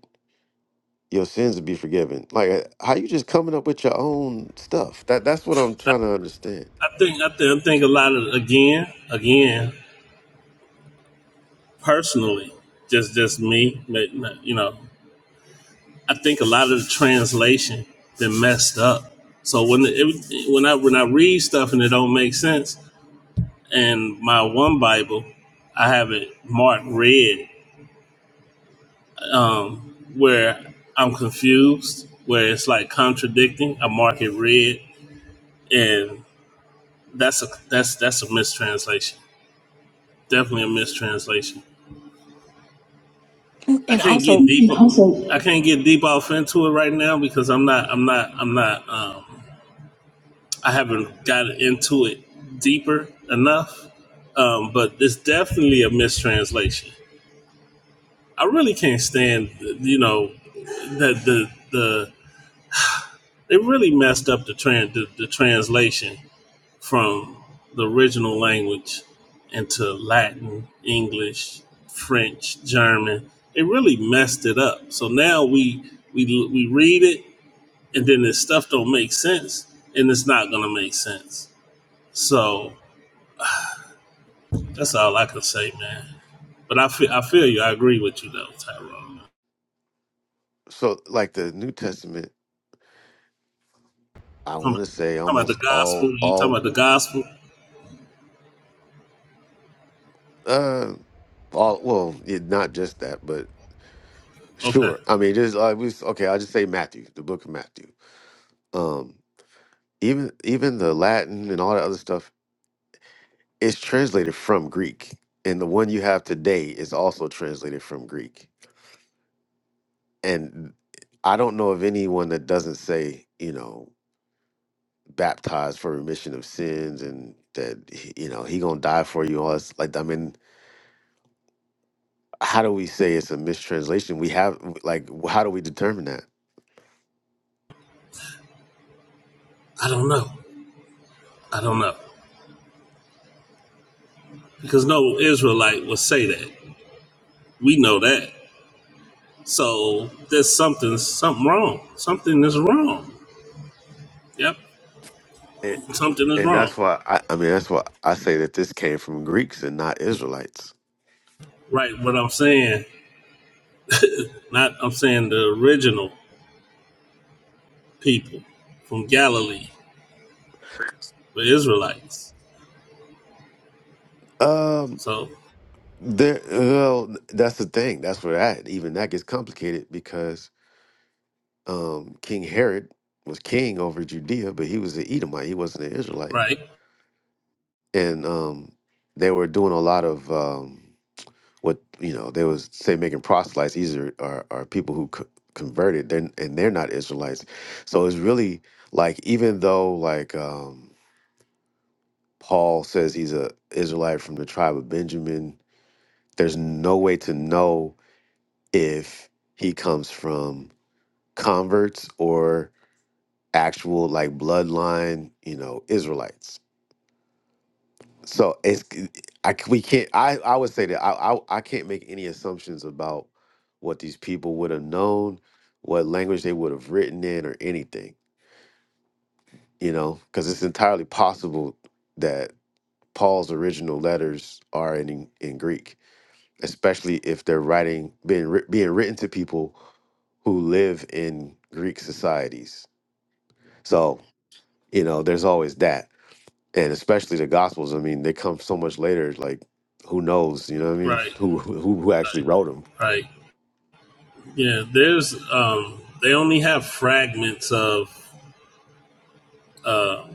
Speaker 8: your sins will be forgiven." Like uh, how you just coming up with your own stuff? That that's what I'm trying to understand.
Speaker 4: I think I think I think a lot of again again personally, just just me. You know, I think a lot of the translation been messed up. So when it, when I when I read stuff and it don't make sense, and my one Bible, I have it marked red, um, where I'm confused, where it's like contradicting. I mark it red, and that's a that's that's a mistranslation. Definitely a mistranslation. I
Speaker 1: And
Speaker 4: can't get
Speaker 1: also,
Speaker 4: deep. also- I can't get deep off into it right now because I'm not. I'm not. I'm not. Um, I haven't got into it deeper enough. Um, but it's definitely a mistranslation I really can't stand, you know, the the the they really messed up the trans the, the translation from the original language into Latin, English, French, German. They really messed it up. So now we we we read it, and then this stuff don't make sense, and it's not gonna make sense. So that's all I can say, man. But I feel I feel you. I agree with you though, Tyrone.
Speaker 8: So like the New Testament, I
Speaker 4: Come on.
Speaker 8: want to say
Speaker 4: talking about the
Speaker 8: almost all
Speaker 4: gospel. You talking
Speaker 8: all
Speaker 4: about the gospel?
Speaker 8: uh all well, yeah, not just that, but
Speaker 4: Okay.
Speaker 8: Sure. I mean, just like we okay, I'll just say Matthew, the book of Matthew. Um, even even the Latin and all that other stuff it's translated from Greek, and the one you have today is also translated from Greek. And I don't know of anyone that doesn't say, you know, baptized for remission of sins, and that you know he gonna die for you. All this, like, I mean, how do we say it's a mistranslation? We have like, how do we determine that?
Speaker 4: I don't know. I don't know. Because no Israelite would say that. We know that. So there's something something wrong. Something is wrong. Yep.
Speaker 8: And,
Speaker 4: Something is
Speaker 8: and
Speaker 4: wrong.
Speaker 8: that's why I, I mean that's why I say that this came from Greeks and not Israelites.
Speaker 4: Right, what I'm saying, not I'm saying the original people from Galilee, the Israelites.
Speaker 8: Um,
Speaker 4: So
Speaker 8: there. Well, that's the thing. That's where that even that gets complicated because um, King Herod was king over Judea, but he was an Edomite. He wasn't an Israelite,
Speaker 4: right,
Speaker 8: and um, they were doing a lot of um, what you know. They was say making proselytes. These are are, are people who co- converted, they're, and they're not Israelites. So it's really like even though like. Um, Paul says he's a Israelite from the tribe of Benjamin. There's no way to know if he comes from converts or actual like bloodline, you know, Israelites. So it's I c- we can't I I would say that I I, I can't make any assumptions about what these people would have known, what language they would have written in or anything, you know, because it's entirely possible that Paul's original letters are in in Greek especially if they're writing being writ- being written to people who live in Greek societies. So you know, there's always that, and especially the Gospels. I mean, they come so much later. Like, who knows? You know what I mean?
Speaker 4: right,
Speaker 8: Who who who actually wrote them?
Speaker 4: right. Yeah, there's um they only have fragments of uh,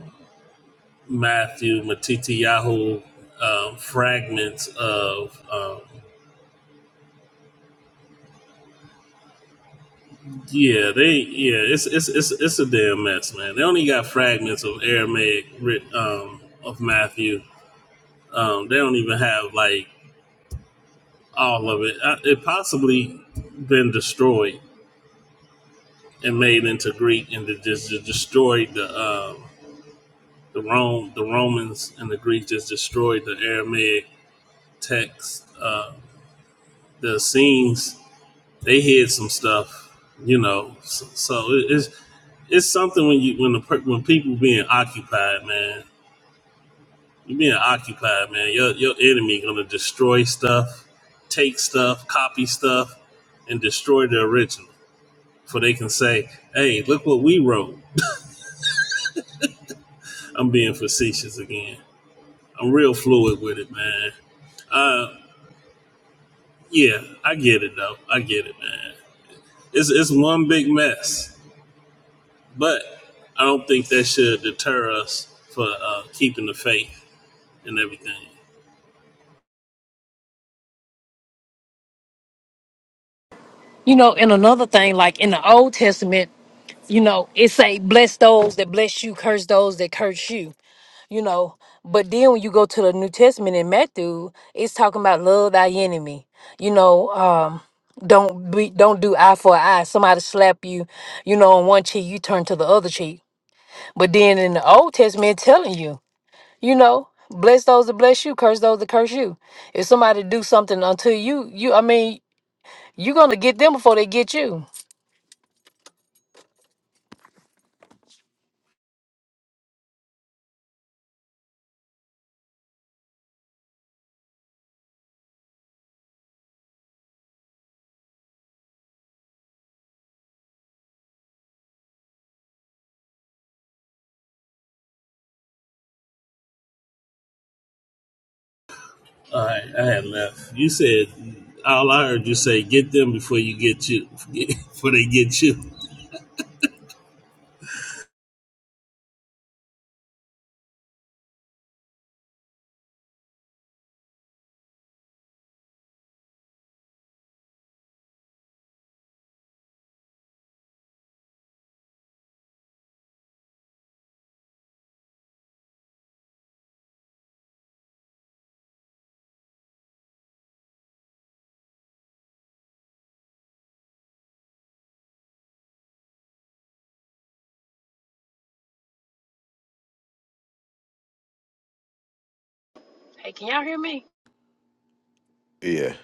Speaker 4: Matthew Matitiyahu um, fragments of um, yeah they yeah it's it's it's it's a damn mess man they only got fragments of Aramaic writ um, of Matthew um, they don't even have like all of it Uh, it possibly been destroyed and made into Greek and they just just destroyed the um, the Rome the Romans and the Greeks just destroyed the Aramaic text uh, the Essenes they hid some stuff, you know. So, so it, it's it's something when you when the per- when people being occupied, man. You being occupied, man. Your your enemy gonna destroy stuff, take stuff, copy stuff, and destroy the original. For they can say, "Hey, look what we wrote." I'm being facetious again. I'm real fluid with it, man. Uh, yeah, I get it though. I get it, man. It's it's one big mess. But I don't think that should deter us for uh, keeping the faith and everything.
Speaker 1: you know, and another thing, like in the old testament, you know, it say bless those that bless you, curse those that curse you you know. But then when you go to the New Testament in Matthew, it's talking about love thy enemy. You know, um, don't be don't do eye for eye. Somebody slap you, you know, on one cheek, you turn to the other cheek. But then in the Old Testament, it's telling you, you know, bless those that bless you, curse those that curse you. If somebody do something unto you, you I mean, you're gonna get them before they get you.
Speaker 4: All right, I had left. You said all I heard you say: get them before you get you, before they get you.
Speaker 1: Hey, can y'all hear me?
Speaker 8: Yeah,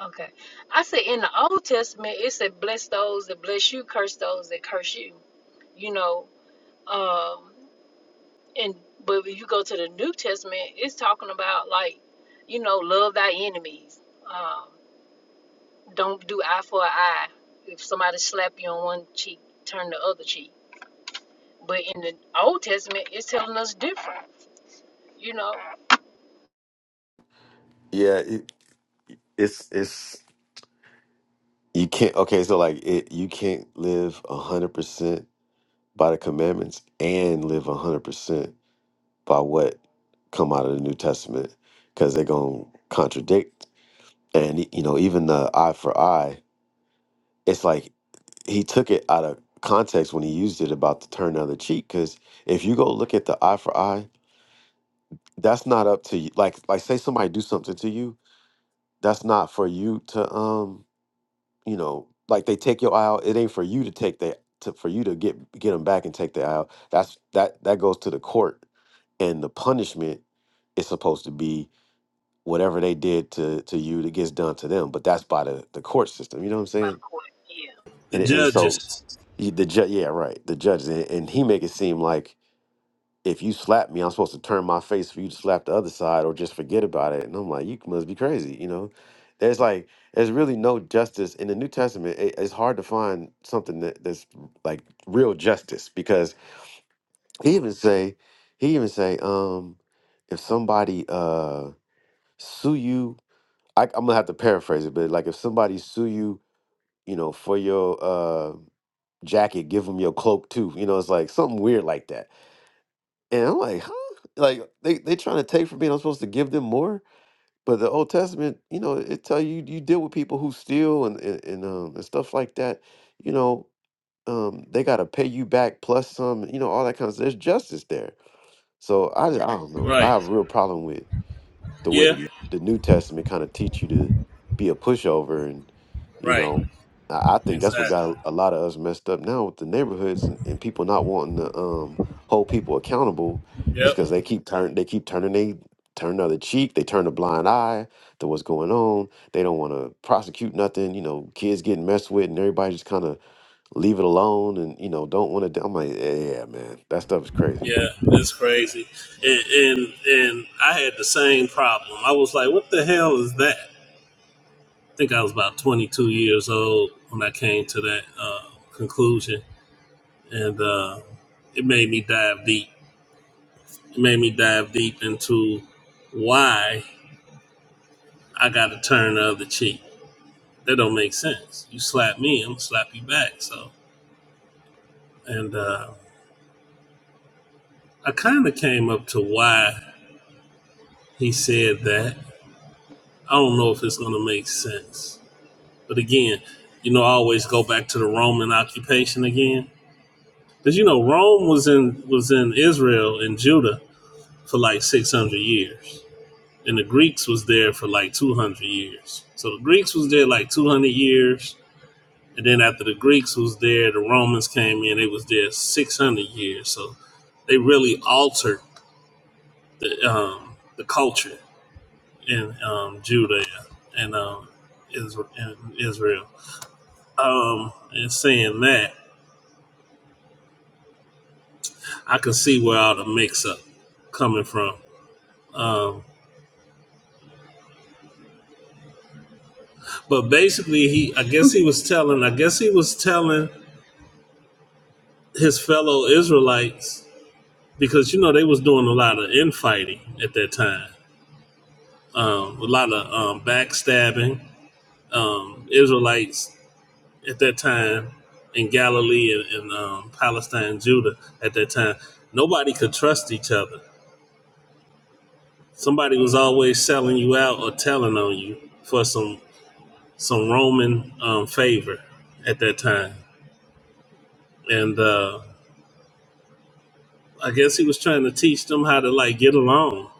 Speaker 1: Okay. I said in the Old Testament, it said, bless those that bless you, curse those that curse you. You know, Um, and but if you go to the New Testament, it's talking about like, you know, love thy enemies. Um, don't do eye for an eye. If somebody slap you on one cheek, turn the other cheek. But in the Old Testament, it's telling us different. You know.
Speaker 8: yeah. It, it's it's you can't. Okay, so like it, you can't live a hundred percent by the commandments and live a hundred percent by what come out of the New Testament because they're gonna contradict and you know even the eye for eye it's like he took it out of context when he used it about the turn the other cheek because if you go look at the eye for eye that's not up to you like like say somebody do something to you that's not for you to um you know like they take your eye out it ain't for you to take that to, for you to get get them back and take the eye out that's that that goes to the court and the punishment is supposed to be whatever they did to to you that gets done to them but that's by the the court system you know what i'm saying
Speaker 1: Yeah,
Speaker 4: The
Speaker 8: and, and so
Speaker 4: judges,
Speaker 8: he- the judge, yeah, right, the judge, and, and he make it seem like if you slap me, I'm supposed to turn my face for you to slap the other side or just forget about it. And I'm like, you must be crazy, you know. There's like, there's really no justice in the New Testament. It, it's hard to find something that, that's like real justice because he even say, he even say, um, if somebody uh sue you, I, I'm gonna have to paraphrase it, but like if somebody sue you you know, for your uh, jacket, give them your cloak too. You know, it's like something weird like that. And I'm like, huh? Like they they trying to take from me. and I'm supposed to give them more. But the Old Testament, you know, it tell you you deal with people who steal and and, and, um, and stuff like that. You know, um, they got to pay you back plus some. You know, all that kind of stuff. There's justice there. So I, just, I don't know. I
Speaker 4: right?
Speaker 8: have a real problem with the way
Speaker 4: Yeah,
Speaker 8: the, the New Testament kind of teach you to be a pushover, and you
Speaker 4: right.
Speaker 8: know, I, I think that's what
Speaker 4: Exactly.
Speaker 8: got a lot of us messed up now with the neighborhoods and, and people not wanting to um, hold people accountable. Is because
Speaker 4: Yep.
Speaker 8: they keep turn they keep turning they turn another cheek, they turn a blind eye to what's going on. They don't want to prosecute nothing. You know, kids getting messed with, and everybody just kind of leave it alone, and you know, don't want to. I'm like, yeah, man, that stuff is crazy.
Speaker 4: Yeah, that's crazy. And and and I had the same problem. I was like, what the hell is that? I think I was about 22 years old when I came to that uh, conclusion and uh, it made me dive deep. It made me dive deep into why I got to turn the other cheek. That don't make sense. You slap me, I'm gonna slap you back. So, and uh, I kind of came up to why he said that. I don't know if it's gonna make sense, but again, you know, I always go back to the Roman occupation again, because you know Rome was in was in Israel and Judah for like six hundred years and the Greeks was there for like 200 years. So the Greeks was there like 200 years, and then after the Greeks was there, the Romans came in. They was there 600 years. So they really altered the um, the culture in um, Judea and um, Israel. In Israel. Um, and saying that, I can see where all the mix up coming from. Um, but basically, he I guess he was telling I guess he was telling his fellow Israelites because you know they was doing a lot of infighting at that time, um, a lot of um, backstabbing. Um, Israelites at that time in Galilee and, and um, Palestine, Judah at that time, nobody could trust each other. Somebody was always selling you out or telling on you for some some Roman um, favor at that time, and uh, I guess he was trying to teach them how to like get along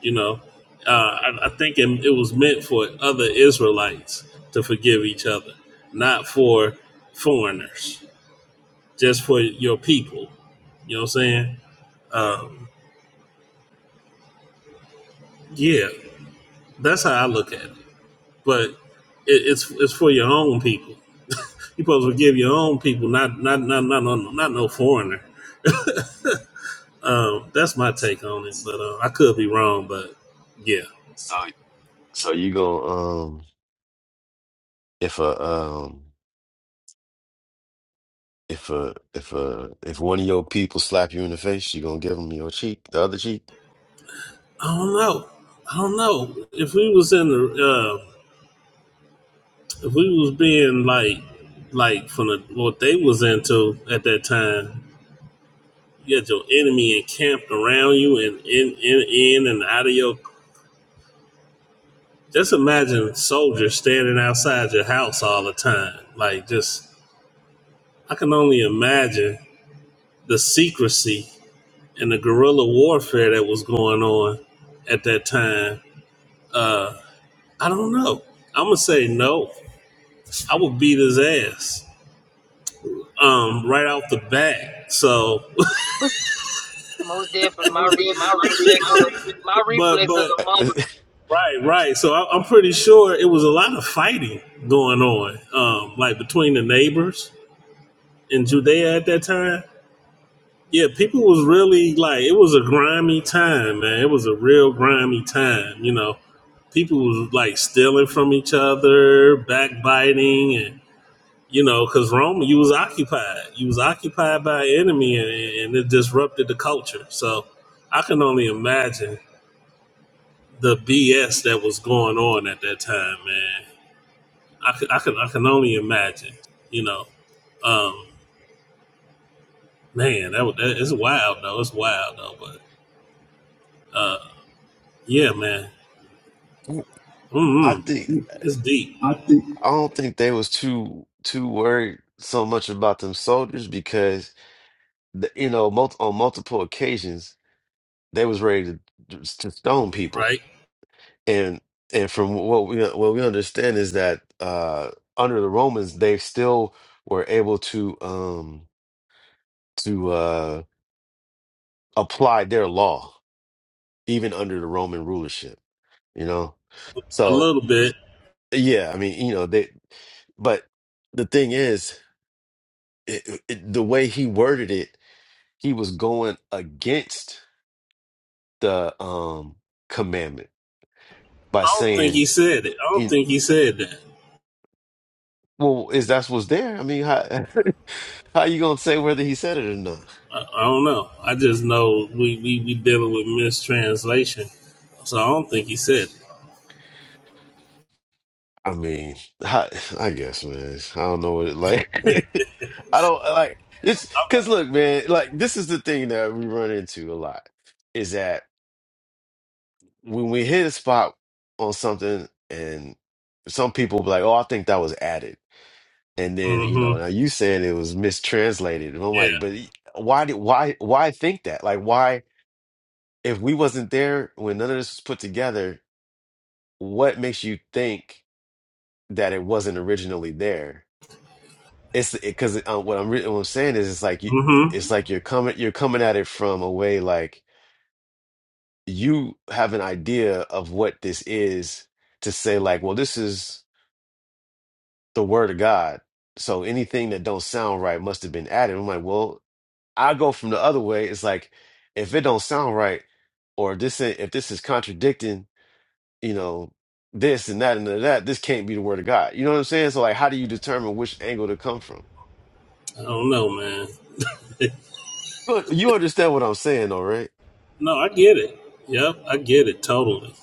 Speaker 4: You know, uh, I, I think it, it was meant for other Israelites to forgive each other, not for foreigners, just for your people. You know what I'm saying? Um, yeah, that's how I look at it. But it, it's it's for your own people. You supposed to forgive your own people, not not not not not, not no foreigner. Um, that's my take on it, but uh, I could be wrong. But yeah,
Speaker 8: So so you go um if a um If uh if uh if one of your people slap you in the face, you gonna give them your cheek, the other cheek.
Speaker 4: I don't know. I don't know if we was in the Uh, if we was being like like from the what they was into at that time, you had your enemy encamped around you and in in in and out of your just imagine soldiers standing outside your house all the time. Like just I can only imagine the secrecy and the guerrilla warfare that was going on at that time. Uh I don't know. I'm gonna say no. I would beat his ass um, right off the bat. So,
Speaker 1: but most definitely my re- my reflex is my
Speaker 4: but
Speaker 1: reflex as
Speaker 4: but
Speaker 1: a mother.
Speaker 4: Right, right. So I, I'm pretty sure it was a lot of fighting going on, um, like between the neighbors in Judea at that time. Yeah, people was really like it was a grimy time, man. It was a real grimy time, you know. People was like stealing from each other, backbiting, and you know, because Rome, you was occupied, you was occupied by an enemy, and, and it disrupted the culture. So I can only imagine the BS that was going on at that time, man. I can, I can, I can only imagine. You know, um, man, that, was- that it's wild though. It's wild though, but uh, yeah, man,
Speaker 8: I
Speaker 4: mm
Speaker 8: think
Speaker 4: it's deep, I think
Speaker 8: I don't think they was too too worried so much about them soldiers because the, you know mul on multiple occasions they was ready to to stone people
Speaker 4: right?
Speaker 8: and and from what we what we understand is that uh under the Romans they still were able to um to uh apply their law even under the Roman rulership you know?
Speaker 4: A
Speaker 8: So,
Speaker 4: little bit.
Speaker 8: yeah, I mean, you know, they, but the thing is, it, it, the way he worded it, he was going against the um commandment by
Speaker 4: I don't think he
Speaker 8: saying,
Speaker 4: said it. I don't
Speaker 8: you,
Speaker 4: think he said that.
Speaker 8: well, is that's what's there? I mean, how how you gonna say whether he said it or not?
Speaker 4: I, I don't know. I just know we, we we dealing with mistranslation, so I don't think he said it.
Speaker 8: I mean, I, I guess, man. I don't know what it like. I don't like it's because look, man. Like this is the thing that we run into a lot is that when we hit a spot on something and some people be like, oh, I think that was added. And then, you know,
Speaker 4: Mm-hmm.
Speaker 8: now you said it was mistranslated. And I'm
Speaker 4: Yeah.
Speaker 8: like, but why did why why think that? Like why if we wasn't there when none of this was put together, what makes you think that it wasn't originally there? It's because uh, what I'm re what I'm saying is it's like you
Speaker 4: Mm-hmm.
Speaker 8: it's like you're coming you're coming at it from a way like you have an idea of what this is to say like, well, this is the word of God. So anything that don't sound right must have been added. I'm like, well, I go from the other way. It's like if it don't sound right, or this ain't- if this is contradicting, you know, this and that and that, this can't be the word of God. You know what I'm saying? So like, how do you determine which angle to come from?
Speaker 4: I don't know, man.
Speaker 8: But you understand what I'm saying, though, right?
Speaker 4: No, I get it. Yep, I get it totally.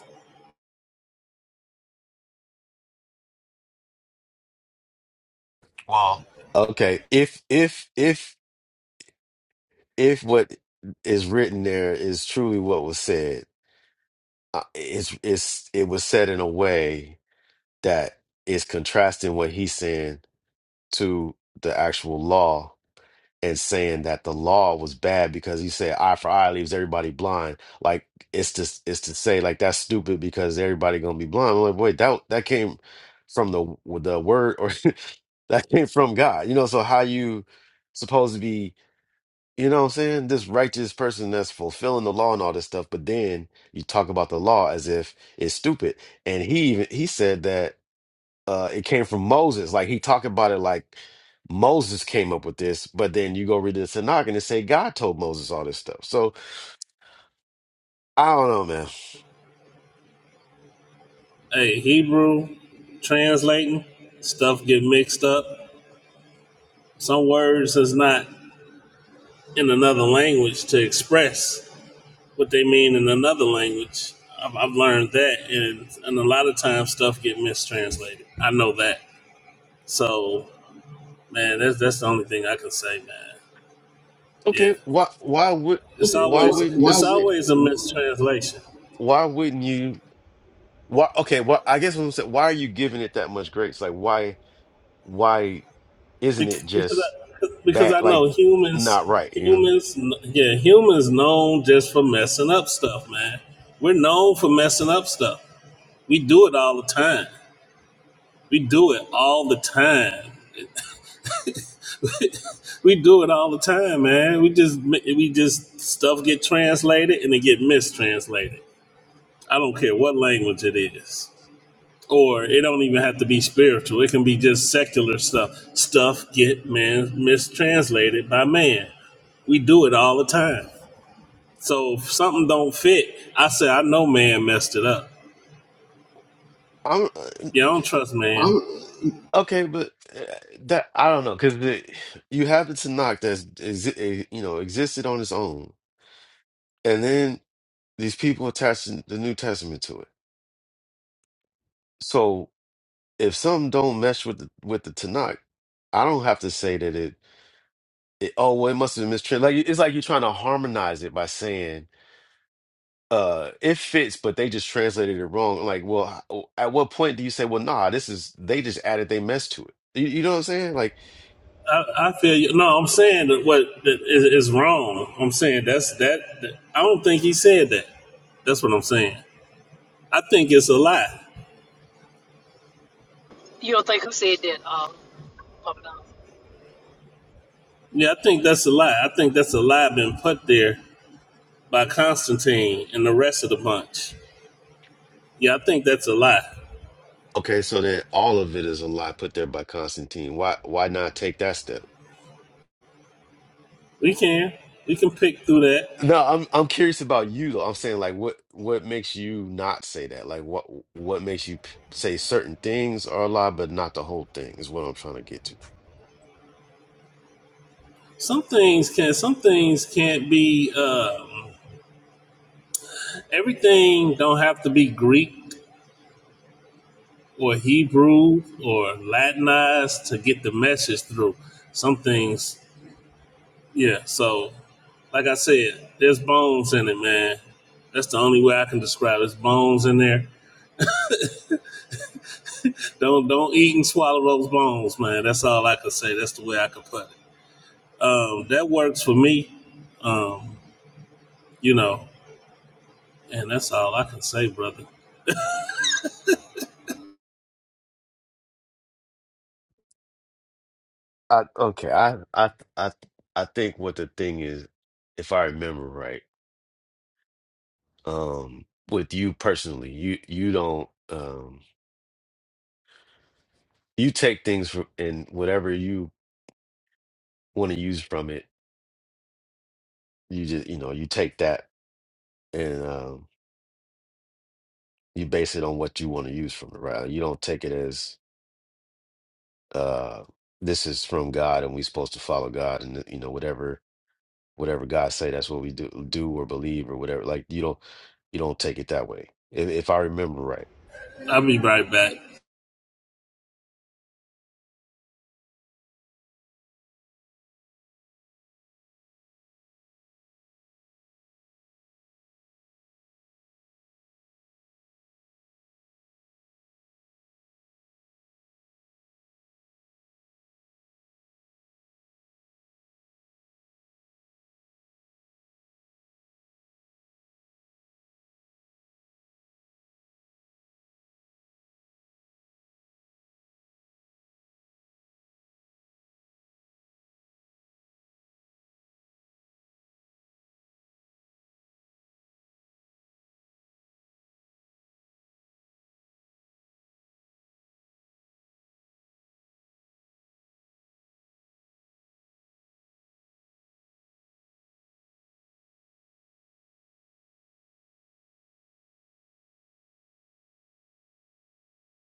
Speaker 8: Well, Okay, if if if if what is written there is truly what was said, uh, it's it's it was said in a way that is contrasting what he's saying to the actual law and saying that the law was bad because he said eye for eye leaves everybody blind. Like it's just it's to say like that's stupid because everybody gonna be blind. I'm like, wait, that that came from the the word or that came from God. You know, so how you supposed to be, you know what I'm saying? This righteous person that's fulfilling the law and all this stuff, but then you talk about the law as if it's stupid. And he even he said that uh it came from Moses. Like he talked about it like Moses came up with this, but then you go read the Tanakh and it say God told Moses all this stuff. So I don't know, man.
Speaker 4: Hey, Hebrew translating stuff get mixed up. Some words is not in another language to express what they mean in another language. I've, I've learned that, and and a lot of times stuff get mistranslated. I know that. So, man, that's that's the only thing I can say, man. Yeah,
Speaker 8: Okay, why why would
Speaker 4: it's
Speaker 8: why
Speaker 4: always Why?
Speaker 8: wouldn't
Speaker 4: why
Speaker 8: you
Speaker 4: it's would
Speaker 8: say
Speaker 4: always
Speaker 8: this?
Speaker 4: a mistranslation.
Speaker 8: Why wouldn't you why okay, well I guess what I'm saying, why are you giving it that much grace? Like why why isn't it
Speaker 4: Bec- because
Speaker 8: just
Speaker 4: I, because
Speaker 8: bad
Speaker 4: I
Speaker 8: like
Speaker 4: know humans
Speaker 8: not right, you know?
Speaker 4: humans yeah humans known just for messing up stuff man we're known for messing up stuff we do it all the time we do it all the time we do it all the time man we just we just stuff get translated and it get mistranslated i don't care what language it is or it don't even have to be spiritual. It can be just secular stuff. Stuff get man mistranslated by man. We do it all the time. So if something don't fit, I say I know man messed it up.
Speaker 8: I'm uh,
Speaker 4: Yeah, I don't trust man. I'm,
Speaker 8: okay, but uh, that I don't know because you have the Tanakh that's is, eh, you know existed on its own and then these people attaching the New Testament to it. So if something don't mesh with the with the Tanakh, I don't have to say that it. it oh well, it must have been mistranslated. Like it's like you're trying to harmonize it by saying uh it fits, but they just translated it wrong. Like, well, h- oh, at what point do you say, well, nah, this is they just added they mess to it. You, you know what I'm saying? Like,
Speaker 4: I, I feel you. No, I'm saying that what that is, is wrong. I'm saying that's that. that. I don't think he said that. That's what I'm saying. I think it's a lie.
Speaker 1: You don't think who said that? Um,
Speaker 4: Yeah, I think that's a lie. I think that's a lie been put there by Constantine and the rest of the bunch. Yeah, I think that's a lot.
Speaker 8: okay, so then all of it is a lie put there by Constantine. Why why not take that step?
Speaker 4: We can we can pick through that.
Speaker 8: No, I'm I'm curious about you though. I'm saying like what what makes you not say that? Like what what makes you p- say certain things are a lie but not the whole thing is what I'm trying to get to.
Speaker 4: Some things can some things can't be um, everything don't have to be Greek or Hebrew or Latinized to get the message through. Some things, yeah. So, like I said, there's bones in it, man. That's the only way I can describe. it. There's bones in there. Don't don't eat and swallow those bones, man. That's all I can say. That's the way I can put it. Um, that works for me. Um, you know, and that's all I can say, brother.
Speaker 8: I okay, I I I I think what the thing is, if I remember right, um with you personally, you you don't um you take things from and whatever you want to use from it, you just you know, you take that and um you base it on what you want to use from it, right? You don't take it as uh this is from God and we're supposed to follow God and you know whatever whatever God say that's what we do do or believe or whatever like you don't you don't take it that way if, if I remember right
Speaker 4: I'll be right back.